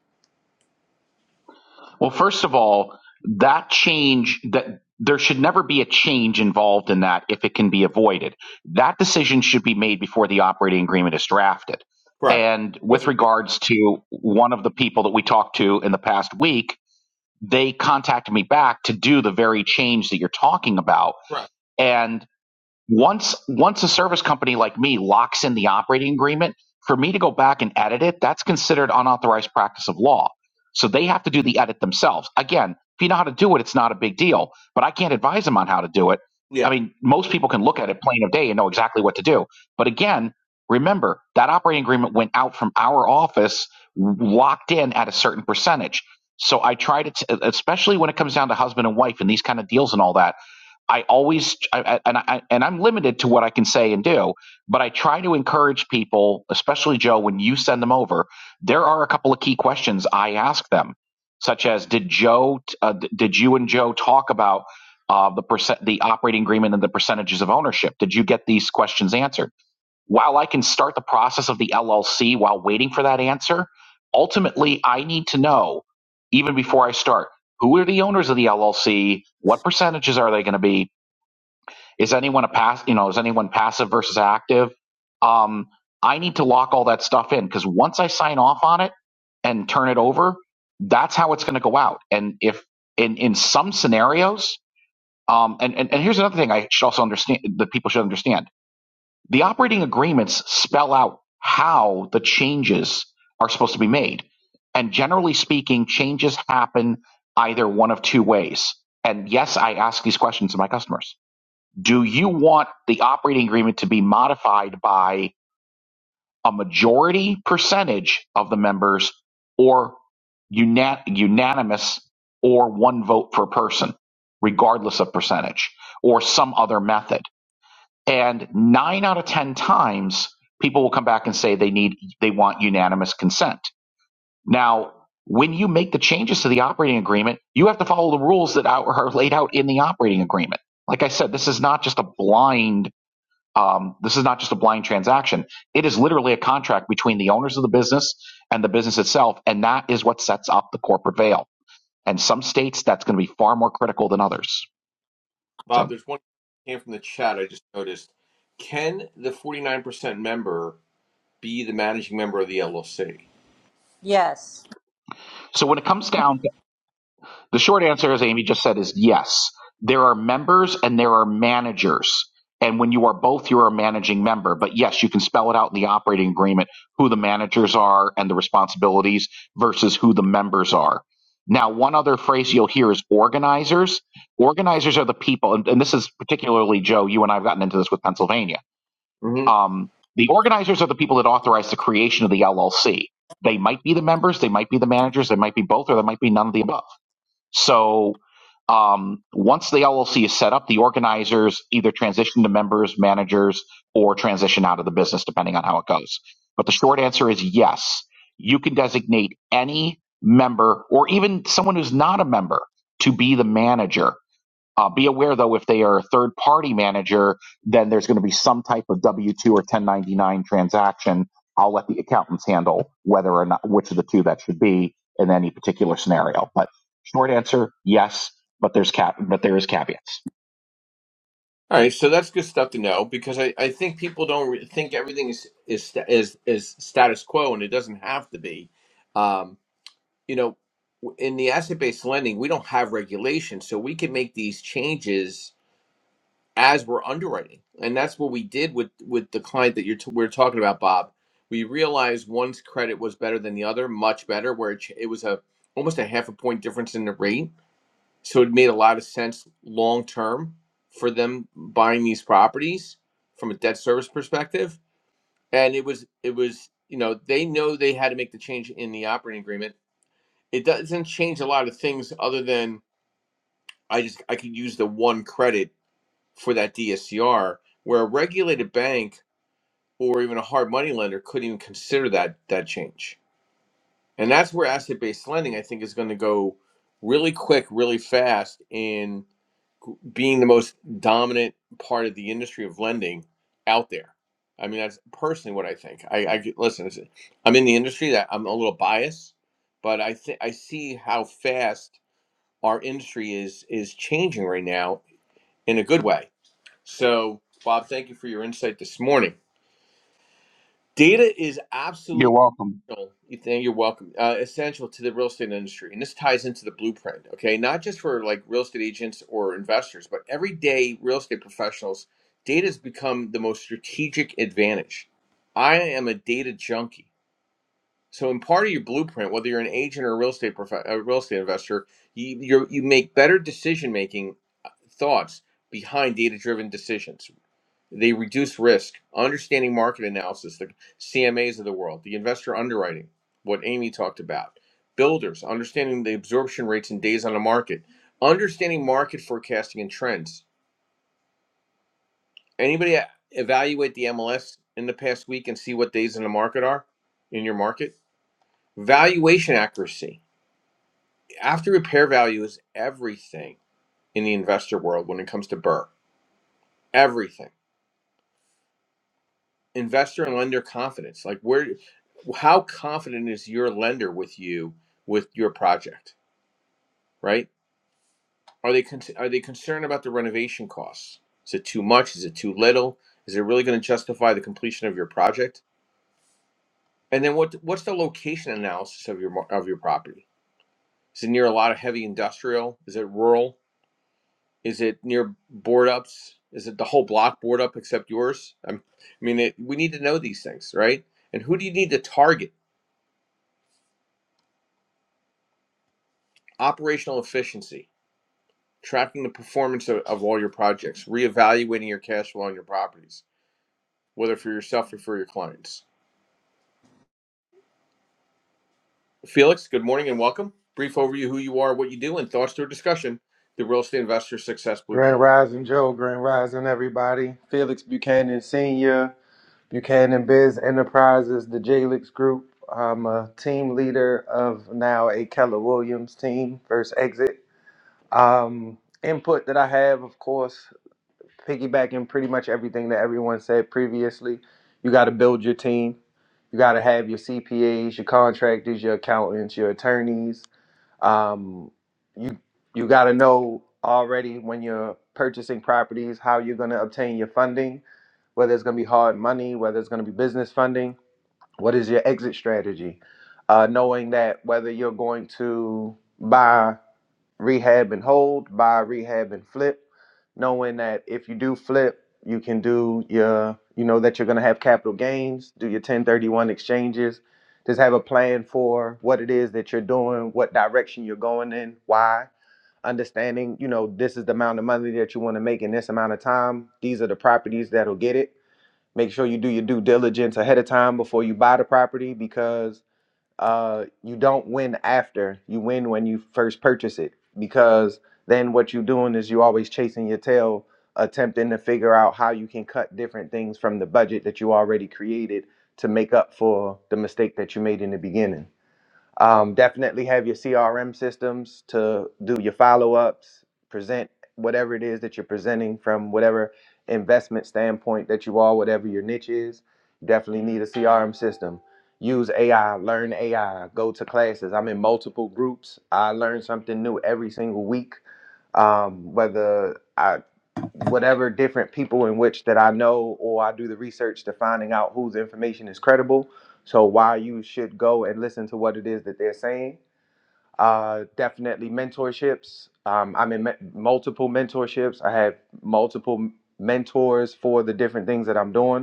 [SPEAKER 4] well first of all that change that there should never be a change involved in that if it can be avoided that decision should be made before the operating agreement is drafted
[SPEAKER 1] Correct.
[SPEAKER 4] and with
[SPEAKER 1] What's
[SPEAKER 4] regards to one of the people that we talked to in the past week they contacted me back to do the very change that you're talking about.
[SPEAKER 1] correct?
[SPEAKER 4] And once once a service company like me locks in the operating agreement for me to go back and edit it that's considered unauthorized practice of law so they have to do the edit themselves again if you know how to do it it's not a big deal but i can't advise them on how to do it i
[SPEAKER 1] Yeah,
[SPEAKER 4] mean most people can look at it plain of day and know exactly what to do but again remember that operating agreement went out from our office locked in at a certain percentage so i try to t- especially when it comes down to husband and wife and these kind of deals and all that I always I, and I and I'm limited to what I can say and do, but I try to encourage people, especially Joe, when you send them over, there are a couple of key questions I ask them, such as did Joe uh, d- did you and Joe talk about uh, the percent the operating agreement and the percentages of ownership? Did you get these questions answered? While I can start the process of the LLC while waiting for that answer, ultimately I need to know even before I start who are the owners of the LLC, what percentages are they going to be, is anyone a pass? You know, is anyone passive versus active? Um, I need to lock all that stuff in because once I sign off on it and turn it over, that's how it's going to go out. And if in in some scenarios, um, and, and and here's another thing I should also understand that people should understand: the operating agreements spell out how the changes are supposed to be made. And generally speaking, changes happen either one of two ways. And yes, I ask these questions to my customers do you want the operating agreement to be modified by a majority percentage of the members or una- unanimous or one vote per person, regardless of percentage, or some other method? And nine out of 10 times, people will come back and say they need, they want unanimous consent. Now, when you make the changes to the operating agreement, you have to follow the rules that are are laid out in the operating agreement. Like I said, this is not just a blind um, this is not just a blind transaction. It is literally a contract between the owners of the business and the business itself. And that is what sets up the corporate veil. And some states, that's going to be far more critical than others.
[SPEAKER 1] Bob.
[SPEAKER 4] So,
[SPEAKER 1] There's one that came from the chat. I just noticed. Can the 49% member be the managing member of the LLC?
[SPEAKER 3] Yes.
[SPEAKER 4] so when it comes down The short answer, as Amy just said, is yes. There are members and there are managers. And when you are both, you're a managing member. But yes, you can spell it out in the operating agreement who the managers are and the responsibilities versus who the members are. Now, one other phrase you'll hear is organizers. Organizers are the people, and, and this is particularly, Joe, you and I have gotten into this with Pennsylvania. Um, the organizers are the people that authorize the creation of the LLC. They might be the members, they might be the managers, they might be both, or they might be none of the above so um, once the LLC is set up, the organizers either transition to members, managers, or transition out of the business, depending on how it goes. But the short answer is yes, you can designate any member or even someone who's not a member to be the manager. Uh, be aware though, if they are a third party manager, then there's going to be some type of W two or 1099 transaction. I'll let the accountants handle whether or not which of the two that should be in any particular scenario. But short answer, yes, but there's cap, but there is caveats.
[SPEAKER 1] All right, so that's good stuff to know because I, I think people don't re- think everything is is sta- is is status quo and it doesn't have to be. Um, you know, w- in the asset based lending, we don't have regulation, so we can make these changes as we're underwriting, and that's what we did with with the client that you're t- we're talking about, Bob. We realized one's credit was better than the other, much better, where it, ch- it was a almost a half a point difference in the rate so it made a lot of sense long term for them buying these properties from a debt service perspective. And it was it was you know they know they had to make the change in the operating agreement. It doesn't change a lot of things other than I just I could use the one credit for that DSCR where a regulated bank or even a hard money lender couldn't even consider that that change. And that's where asset based lending I think is going to go really quick, really fast in. being the most dominant part of the industry of lending out there. I mean, that's personally what I think. I, I get- listen. it's- I'm in the industry that I'm a little biased, but I think I see how fast our industry is is changing right now in a good way. So, Bob, thank you for your insight this morning. Data is absolutely
[SPEAKER 4] You're welcome.
[SPEAKER 1] essential- Ethan, you're welcome. Uh, essential to the real estate industry, and this ties into the blueprint. Okay, not just for like real estate agents or investors, but everyday real estate professionals. Data has become the most strategic advantage. I am a data junkie. So, in part of your blueprint, whether you're an agent or a real estate prof- a real estate investor, you you're, you make better decision making thoughts behind data driven decisions. They reduce risk, understanding market analysis, the CMAs of the world, the investor underwriting, what Amy talked about, builders, understanding the absorption rates and days on the market, understanding market forecasting and trends. Anybody a- evaluate the MLS in the past week and see what days in the market are in your market? Valuation accuracy After repair value is everything in the investor world when it comes to Burr. Everything. Investor and lender confidence. Like where how confident is your lender with you with your project, right? Are they con- are they concerned about the renovation costs? Is it too much? Is it too little? Is it really going to justify the completion of your project? And then what what's the location analysis of your mar- of your property? Is it near a lot of heavy industrial? Is it rural? Is it near board ups? Is it the whole block board up except yours? i I mean, it, we need to know these things, right? And who do you need to target? Operational efficiency, tracking the performance of, of all your projects, reevaluating your cash flow on your properties, whether for yourself or for your clients. Felix, good morning and welcome. Brief overview of who you are, what you do, and thoughts to a discussion. The Real Estate Investor Success
[SPEAKER 2] Grand
[SPEAKER 1] Blueprint.
[SPEAKER 2] Rising Joe, Grand Rising everybody. Felix Buchanan Sr., Buchanan Biz Enterprises, the Jalix Group. I'm a team leader of now a Keller Williams team, First Exit. Um, input that I have, of course, piggybacking pretty much everything that everyone said previously. You got to build your team. You got to have your CPAs, your contractors, your accountants, your attorneys. um, you you got to know already when you're purchasing properties how you're going to obtain your funding whether it's going to be hard money whether it's going to be business funding what is your exit strategy uh, knowing that whether you're going to buy rehab and hold buy rehab and flip knowing that if you do flip, you can do your, you know, that you're going to have capital gains, do your 1031 exchanges, just have a plan for what it is that you're doing, what direction you're going in, why, understanding, you know, this is the amount of money that you want to make in this amount of time. These are the properties that'll get it. Make sure you do your due diligence ahead of time before you buy the property because uh, you don't win after. You win when you first purchase it because then what you're doing is you always chasing your tail, attempting to figure out how you can cut different things from the budget that you already created to make up for the mistake that you made in the beginning. Um, definitely have your CRM systems to do your follow ups, present whatever it is that you're presenting from whatever investment standpoint that you are, whatever your niche is. You definitely need a CRM system. Use AI, learn AI, go to classes. I'm in multiple groups. I learn something new every single week um, whether I whatever different people in which that I know or I do the research to finding out whose information is credible. So why you should go and listen to what it is that they're saying. Uh, definitely mentorships. Um, I'm in me- multiple mentorships. I have multiple mentors for the different things that I'm doing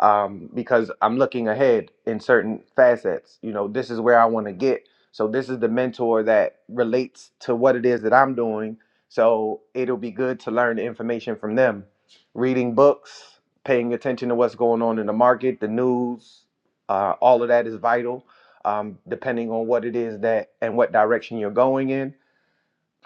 [SPEAKER 2] um, because I'm looking ahead in certain facets. You know, this is where I want to get. So this is the mentor that relates to what it is that I'm doing. So it'll be good to learn the information from them. Reading books, paying attention to what's going on in the market, the news, uh, all of that is vital. Um, depending on what it is that and what direction you're going in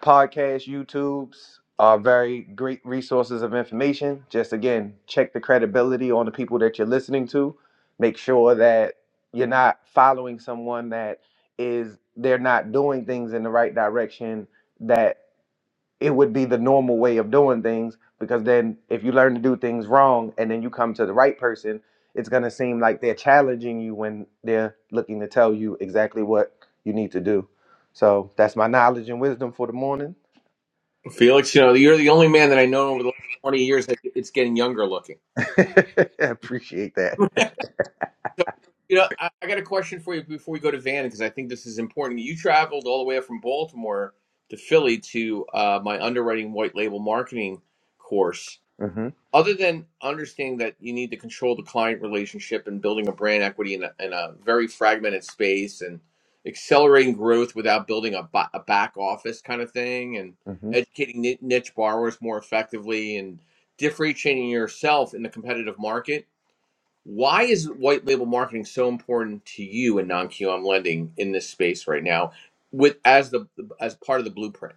[SPEAKER 2] podcasts, YouTubes are very great resources of information. Just again, check the credibility on the people that you're listening to. Make sure that you're not following someone that is they're not doing things in the right direction that it would be the normal way of doing things because then if you learn to do things wrong and then you come to the right person, it's going to seem like they're challenging you when they're looking to tell you exactly what you need to do. So, that's my knowledge and wisdom for the morning.
[SPEAKER 1] Felix, you know, you're the only man that I know over the last 20 years that it's getting younger looking.
[SPEAKER 2] I appreciate that.
[SPEAKER 1] So, you know, I, I got a question for you before we go to Van because I think this is important. You traveled all the way up from Baltimore to Philly to uh, my underwriting white label marketing course.
[SPEAKER 2] hmm
[SPEAKER 1] Other than understanding that you need to control the client relationship and building a brand equity in a, in a very fragmented space and accelerating growth without building a, ba- a back office kind of thing and
[SPEAKER 2] hmm
[SPEAKER 1] educating ni- niche borrowers more effectively and differentiating yourself in the competitive market why is white label marketing so important to you in non QM lending in this space right now, with as the as part of the blueprint?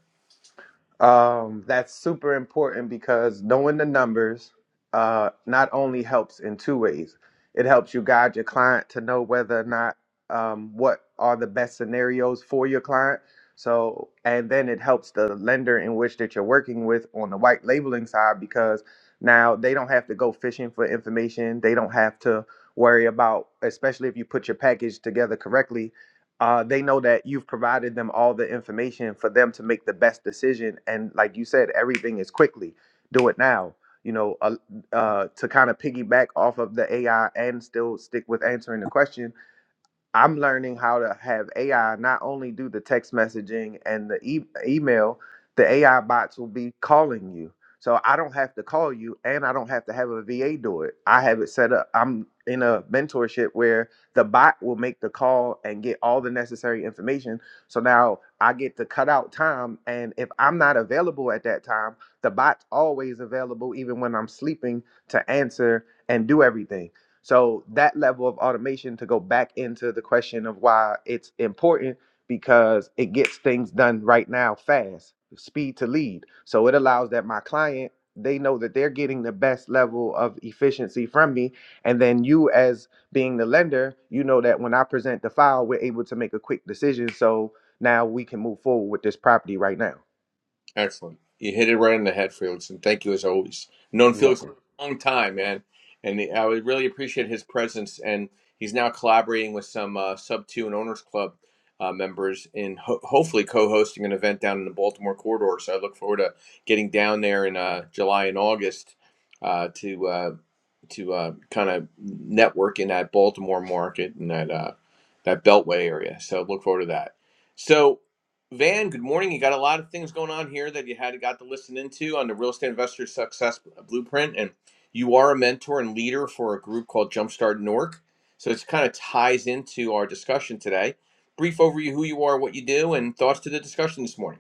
[SPEAKER 2] Um, that's super important because knowing the numbers uh, not only helps in two ways. It helps you guide your client to know whether or not um, what are the best scenarios for your client. So, and then it helps the lender in which that you're working with on the white labeling side because now they don't have to go fishing for information. They don't have to worry about, especially if you put your package together correctly uh, they know that you've provided them all the information for them to make the best decision. And like you said, everything is quickly. Do it now. You know, uh, uh, to kind of piggyback off of the AI and still stick with answering the question I'm learning how to have AI not only do the text messaging and the e- email, the AI bots will be calling you. So I don't have to call you and I don't have to have a VA do it. I have it set up. I'm in a mentorship where the bot will make the call and get all the necessary information. So now I get to cut out time. And if I'm not available at that time, the bot's always available, even when I'm sleeping, to answer and do everything so that level of automation to go back into the question of why it's important because it gets things done right now fast, speed to lead. So it allows that my client they know that they're getting the best level of efficiency from me and then you as being the lender you know that when i present the file we're able to make a quick decision so now we can move forward with this property right now
[SPEAKER 1] Excellent. You hit it right in the head, Felix, and thank you as always. known Felix a long time, man, and I would really appreciate his presence. And he's now collaborating with some uh, Sub Two and Owners Club uh, members in ho- hopefully co-hosting an event down in the Baltimore corridor. So I look forward to getting down there in uh, July and August uh, to uh, to uh, kind of network in that Baltimore market and that uh, that Beltway area. So look forward to that. So. Van, good morning. You got a lot of things going on here that you had got to listen into on the Real Estate Investor Success Blueprint, and you are a mentor and leader for a group called Jumpstart Nork. So it's kind of ties into our discussion today. Brief overview who you are, what you do, and thoughts to the discussion this morning.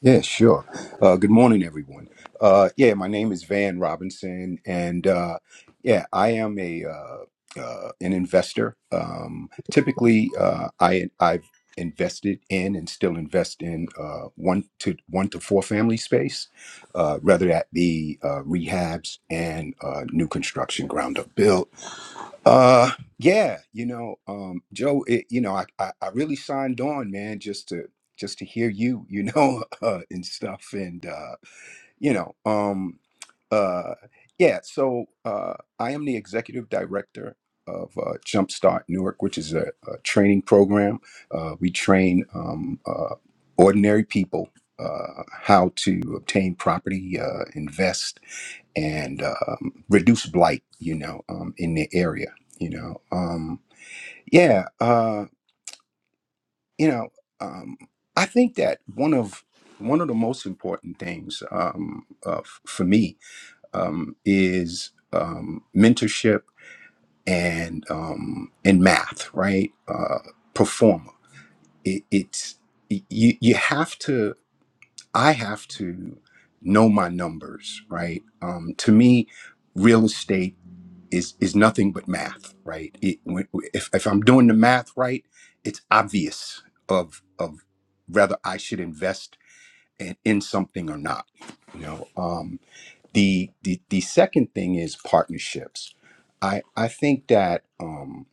[SPEAKER 5] Yeah, sure. Uh, good morning, everyone. Uh, yeah, my name is Van Robinson, and uh, yeah, I am a uh, uh, an investor. Um, typically, uh, I I've invested in and still invest in uh, one to one to four family space, uh, whether that be uh, rehabs and uh, new construction, ground up build uh, yeah, you know, um, Joe, it, you know, I, I I really signed on, man, just to just to hear you, you know, uh, and stuff, and uh, you know, um, uh, yeah. So uh, I am the executive director of uh, Jumpstart Newark, which is a, a training program. Uh, we train um, uh, ordinary people uh, how to obtain property, uh, invest and um, reduce blight, you know, um, in the area, you know. Um, yeah, uh, you know, um, I think that one of one of the most important things um, uh, f- for me um, is um, mentorship and um, and math, right? Uh, performer. It, it's you, you have to. I have to know my numbers, right? Um, to me, real estate is is nothing but math, right? It, when- if if I'm doing the math right, it's obvious of of whether I should invest in, in something or not. You know, um, the the the second thing is partnerships. I I think that. Um,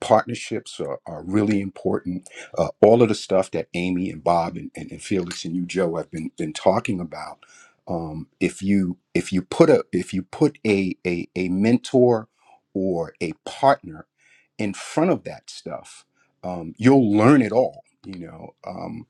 [SPEAKER 5] partnerships are, are really important. Uh, all of the stuff that Amy and Bob and, and, and Felix and you, Joe, have been been talking about. Um, if you if you put a if you put a, a a mentor or a partner in front of that stuff, um, you'll learn it all. You know, um,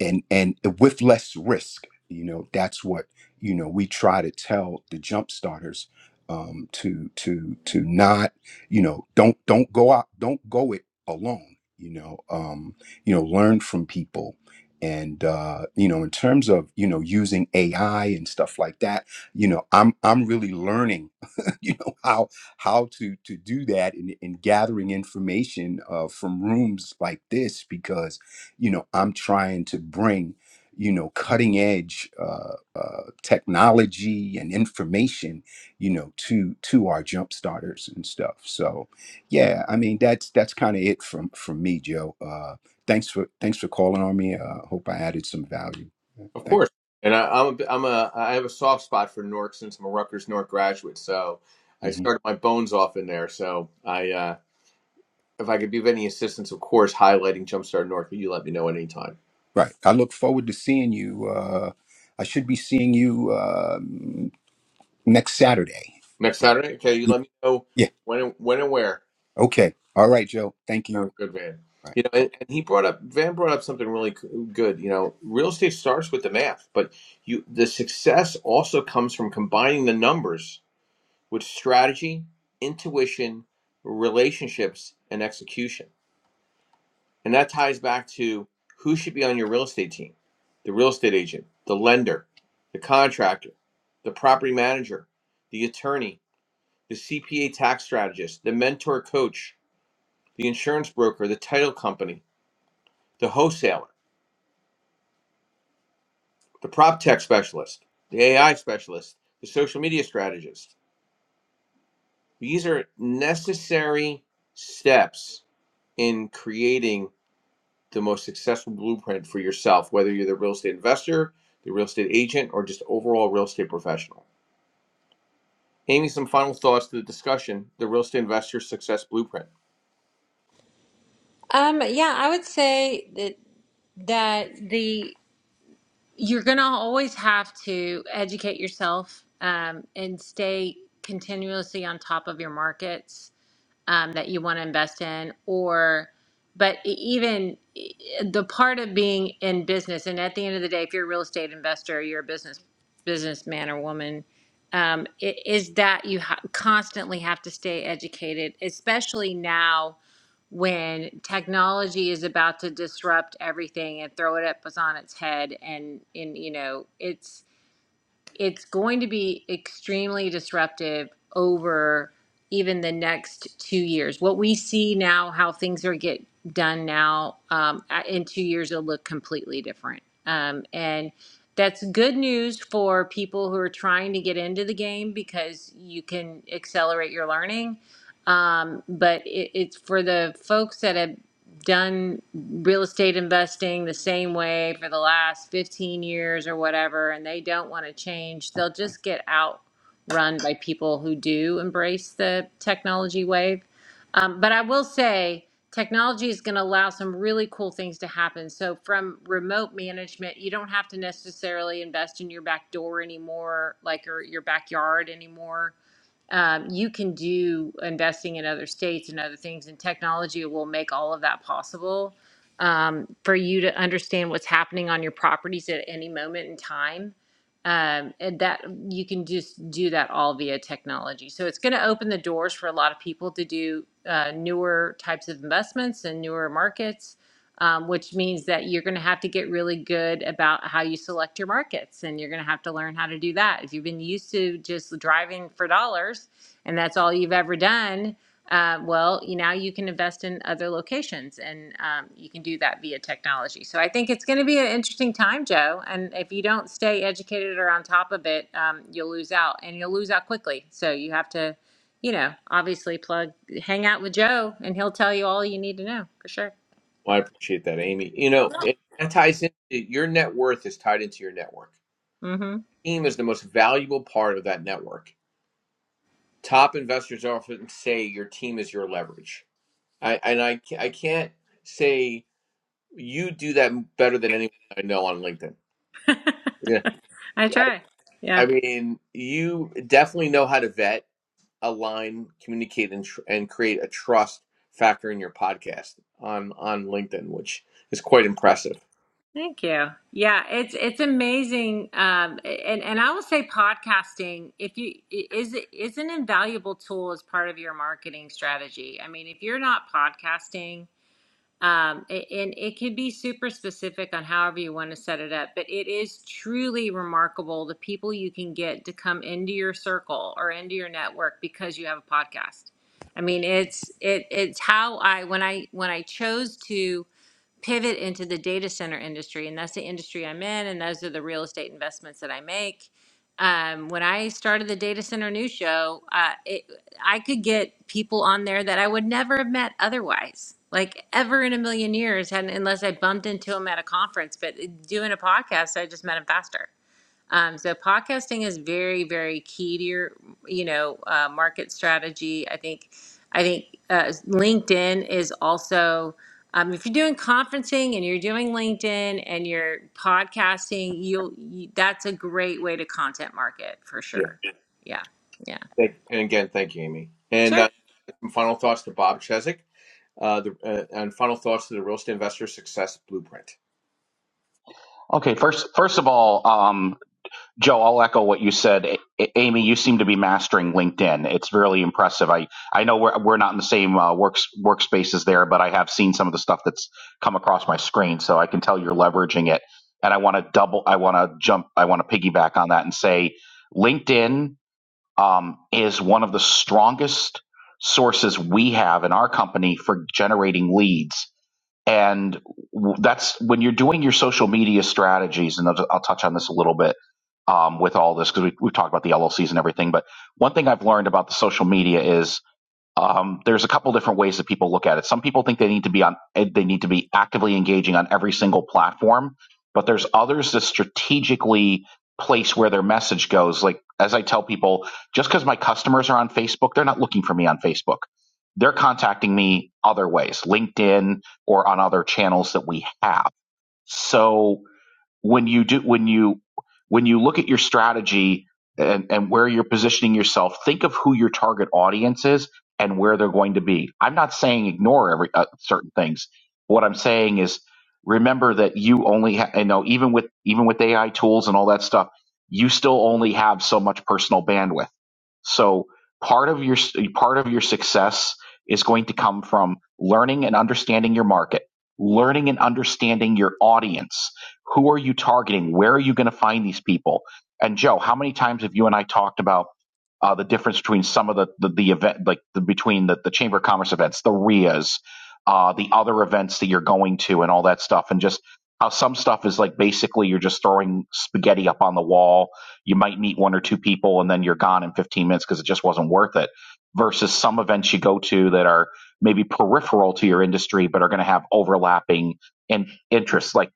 [SPEAKER 5] and and with less risk. You know, that's what you know. We try to tell the jump starters um, to to to not you know don't don't go out don't go it alone you know um you know learn from people and uh you know in terms of you know using ai and stuff like that you know i'm i'm really learning you know how how to to do that and, and gathering information uh from rooms like this because you know i'm trying to bring you know cutting edge uh, uh technology and information you know to to our jump starters and stuff so yeah i mean that's that's kind of it from from me joe uh thanks for thanks for calling on me uh hope i added some value
[SPEAKER 1] Of
[SPEAKER 5] thanks
[SPEAKER 1] course. And I, I'm a, I'm a I have a soft spot for Nork since I'm a Rutgers Nork graduate. So I
[SPEAKER 5] Mhm.
[SPEAKER 1] started my bones off in there. So I uh, if I could be of any assistance, of course, highlighting Jumpstart Nork, you let me know at any time.
[SPEAKER 5] right i look forward to seeing you uh i should be seeing you uh next saturday
[SPEAKER 1] Next Saturday? Okay, you
[SPEAKER 5] yeah
[SPEAKER 1] let me know
[SPEAKER 5] yeah
[SPEAKER 1] when and when and where.
[SPEAKER 5] okay all right joe thank you
[SPEAKER 1] Sounds good, Van.
[SPEAKER 5] Bye.
[SPEAKER 1] You know, and, and he brought up Van brought up something really c- good. You know, real estate starts with the math, but you the success also comes from combining the numbers with strategy, intuition, relationships, and execution. And that ties back to who should be on your real estate team: the real estate agent, the lender, the contractor, the property manager, the attorney, the CPA tax strategist, the mentor coach, the insurance broker, the title company, the wholesaler, the prop tech specialist, the AI specialist, the social media strategist. These are necessary steps in creating the most successful blueprint for yourself, whether you're the real estate investor, the real estate agent, or just overall real estate professional. Amy, some final thoughts to the discussion the real estate investor success blueprint.
[SPEAKER 3] Um, yeah, I would say that that the you're gonna always have to educate yourself um, and stay continuously on top of your markets um, that you want to invest in or but e- even e- the part of being in business and at the end of the day if you're a real estate investor you're a business businessman or woman um, i- is that you ha- constantly have to stay educated especially now when technology is about to disrupt everything and throw it up on its head and and you know it's going to be extremely disruptive over even the next two years. What we see now, how things are get done now, um, a- in two years it'll look completely different. Um, and that's good news for people who are trying to get into the game because you can accelerate your learning. Um, but it, it's for the folks that have done real estate investing the same way for the last 15 years or whatever, and they don't want to change, they'll just get outrun by people who do embrace the technology wave. Um, but I will say, technology is going to allow some really cool things to happen. So, from remote management, you don't have to necessarily invest in your back door anymore, like or your backyard anymore um, you can do investing in other states and other things, and technology will make all of that possible um, for you to understand what's happening on your properties at any moment in time. Um, and that you can just do that all via technology. So it's going to open the doors for a lot of people to do uh, newer types of investments and newer markets um, which means that you're going to have to get really good about how you select your markets and you're going to have to learn how to do that if you've been used to just driving for dollars and that's all you've ever done uh, well you, now you can invest in other locations and um, you can do that via technology so i think it's going to be an interesting time joe and if you don't stay educated or on top of it um, you'll lose out and you'll lose out quickly so you have to you know obviously plug hang out with joe and he'll tell you all you need to know for sure
[SPEAKER 1] Well, I appreciate that, Amy. You know, it, that ties into your net worth is tied into your network
[SPEAKER 3] mm hmm
[SPEAKER 1] team is the most valuable part of that network. Top investors often say your team is your leverage. I, and I, I can't say you do that better than anyone I know on LinkedIn. Yeah.
[SPEAKER 3] I
[SPEAKER 1] I,
[SPEAKER 3] try. Yeah.
[SPEAKER 1] I mean, you definitely know how to vet, align, communicate, and, tr- and create a trust factor in your podcast on, on LinkedIn, which is quite impressive.
[SPEAKER 3] Thank you. Yeah, it's it's amazing. Um, and and I will say podcasting, if you is is an invaluable tool as part of your marketing strategy. I mean, if you're not podcasting, um, a- and it could be super specific on however you want to set it up, but it is truly remarkable the people you can get to come into your circle or into your network because you have a podcast. I mean, it's it it's how I when I when I chose to. pivot into the data center industry, and that's the industry I'm in, and those are the real estate investments that I make. Um, when I started the Data Center News Show, uh, it, I could get people on there that I would never have met otherwise, like ever in a million years, had unless I bumped into them at a conference. But uh, doing a podcast, I just met them faster. Um, so podcasting is very, very key to your, you know, uh, market strategy. I think, I think uh, LinkedIn is also. Um, if you're doing conferencing and you're doing LinkedIn and you're podcasting, you'll you, that's a great way to content market for
[SPEAKER 1] Yeah.
[SPEAKER 3] sure. Yeah, yeah.
[SPEAKER 1] Thank, and again, thank you, Amy. And
[SPEAKER 3] sure.
[SPEAKER 1] uh, some final thoughts to Bob Cheswick. uh, the, uh, and final thoughts to the Real Estate Investor Success Blueprint.
[SPEAKER 4] Okay, first first of all, um. Joe, I'll echo what you said. A- Amy, you seem to be mastering LinkedIn. It's really impressive. I, I know we're, we're not in the same uh, works, workspaces there, but I have seen some of the stuff that's come across my screen. So I can tell you're leveraging it. And I want to double, I want to jump, I want to piggyback on that and say LinkedIn um, is one of the strongest sources we have in our company for generating leads and that's when you're doing your social media strategies and i'll, I'll touch on this a little bit um, with all this because we, we've talked about the llcs and everything but one thing i've learned about the social media is um, there's a couple different ways that people look at it. Some people think they need to be on, eh, they need to be actively engaging on every single platform, but there's others that strategically place where their message goes. Like, as I tell people, just because my customers are on Facebook, they're not looking for me on Facebook. They're contacting me other ways, LinkedIn or on other channels that we have. So when you do when you when you look at your strategy and, and where you're positioning yourself think of who your target audience is and where they're going to be i'm not saying ignore every uh, certain things what i'm saying is remember that you only ha- you know even with even with ai tools and all that stuff you still only have so much personal bandwidth so part of your part of your success is going to come from learning and understanding your market learning and understanding your audience who are you targeting? Where are you going to find these people? And Joe, how many times have you and I talked about uh, the difference between some of the the, the event, like the, between the, the Chamber of Commerce events, the RIAs, uh, the other events that you're going to, and all that stuff, and just how some stuff is like basically you're just throwing spaghetti up on the wall. You might meet one or two people, and then you're gone in 15 minutes because it just wasn't worth it. Versus some events you go to that are maybe peripheral to your industry, but are going to have overlapping and interests. Like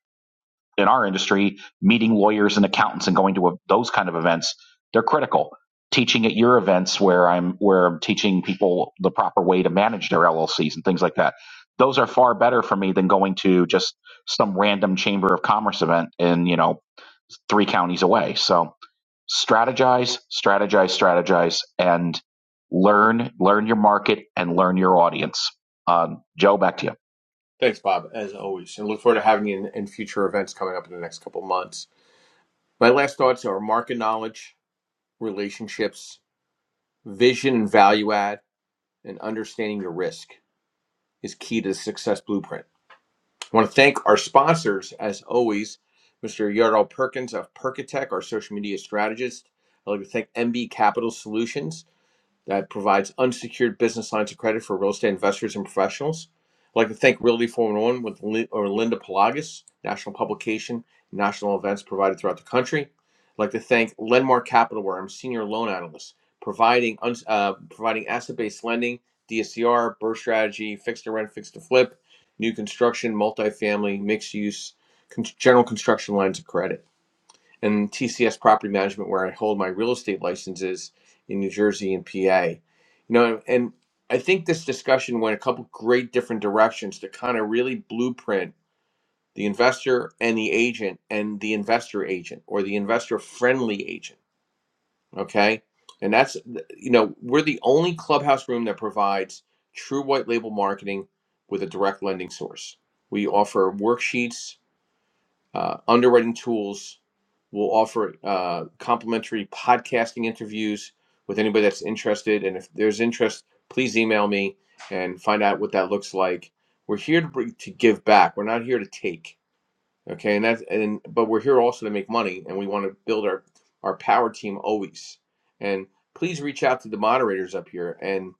[SPEAKER 4] in our industry, meeting lawyers and accountants and going to a, those kind of events, they're critical. Teaching at your events where I'm where I'm teaching people the proper way to manage their LLCs and things like that. Those are far better for me than going to just some random chamber of commerce event in, you know, three counties away. So strategize, strategize, strategize, and learn, learn your market and learn your audience. Um, Joe, back to you.
[SPEAKER 1] Thanks, Bob, as always, and look forward to having you in, in future events coming up in the next couple of months. My last thoughts are market knowledge, relationships, vision and value add, and understanding your risk is key to the Success Blueprint. I want to thank our sponsors, as always, Mr. Yardall Perkins of Perkatech, our social media strategist. I'd like to thank MB Capital Solutions that provides unsecured business lines of credit for real estate investors and professionals. I'd like to thank Realty 411 with or Linda Pelagas, national publication, national events provided throughout the country. I'd like to thank Lenmark Capital, where I'm senior loan analyst, providing uh, providing asset-based lending, DSCR, burst strategy, fixed to rent, fixed to flip, new construction, multifamily, mixed use, con- general construction lines of credit and TCS Property Management, where I hold my real estate licenses in New Jersey and PA. You know, and I think this discussion went a couple great different directions to kind of really blueprint the investor and the agent and the investor agent or the investor friendly agent. Okay. And that's, you know, we're the only clubhouse room that provides true white label marketing with a direct lending source. We offer worksheets uh, underwriting tools will offer uh, complimentary podcasting interviews with anybody that's interested. And if there's interest, please email me and find out what that looks like. We're here to bring, to give back. We're not here to take. Okay, and that's and but we're here also to make money, and we want to build our our power team always. And please reach out to the moderators up here and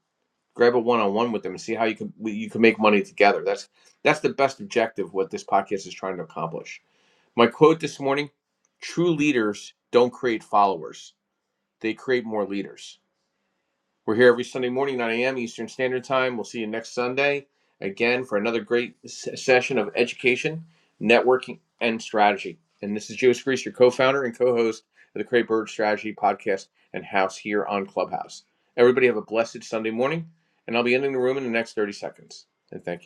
[SPEAKER 1] grab a one on one with them and see how you can you can make money together. That's that's the best objective what this podcast is trying to accomplish. My quote this morning true leaders don't create followers, they create more leaders. We're here every Sunday morning, 9 a.m. Eastern Standard Time. We'll see you next Sunday again for another great session of education, networking, and strategy. And this is Joe Grease, your co founder and co host of the Create Bird Strategy podcast and house here on Clubhouse. Everybody have a blessed Sunday morning, and I'll be ending the room in the next 30 seconds. And thank you.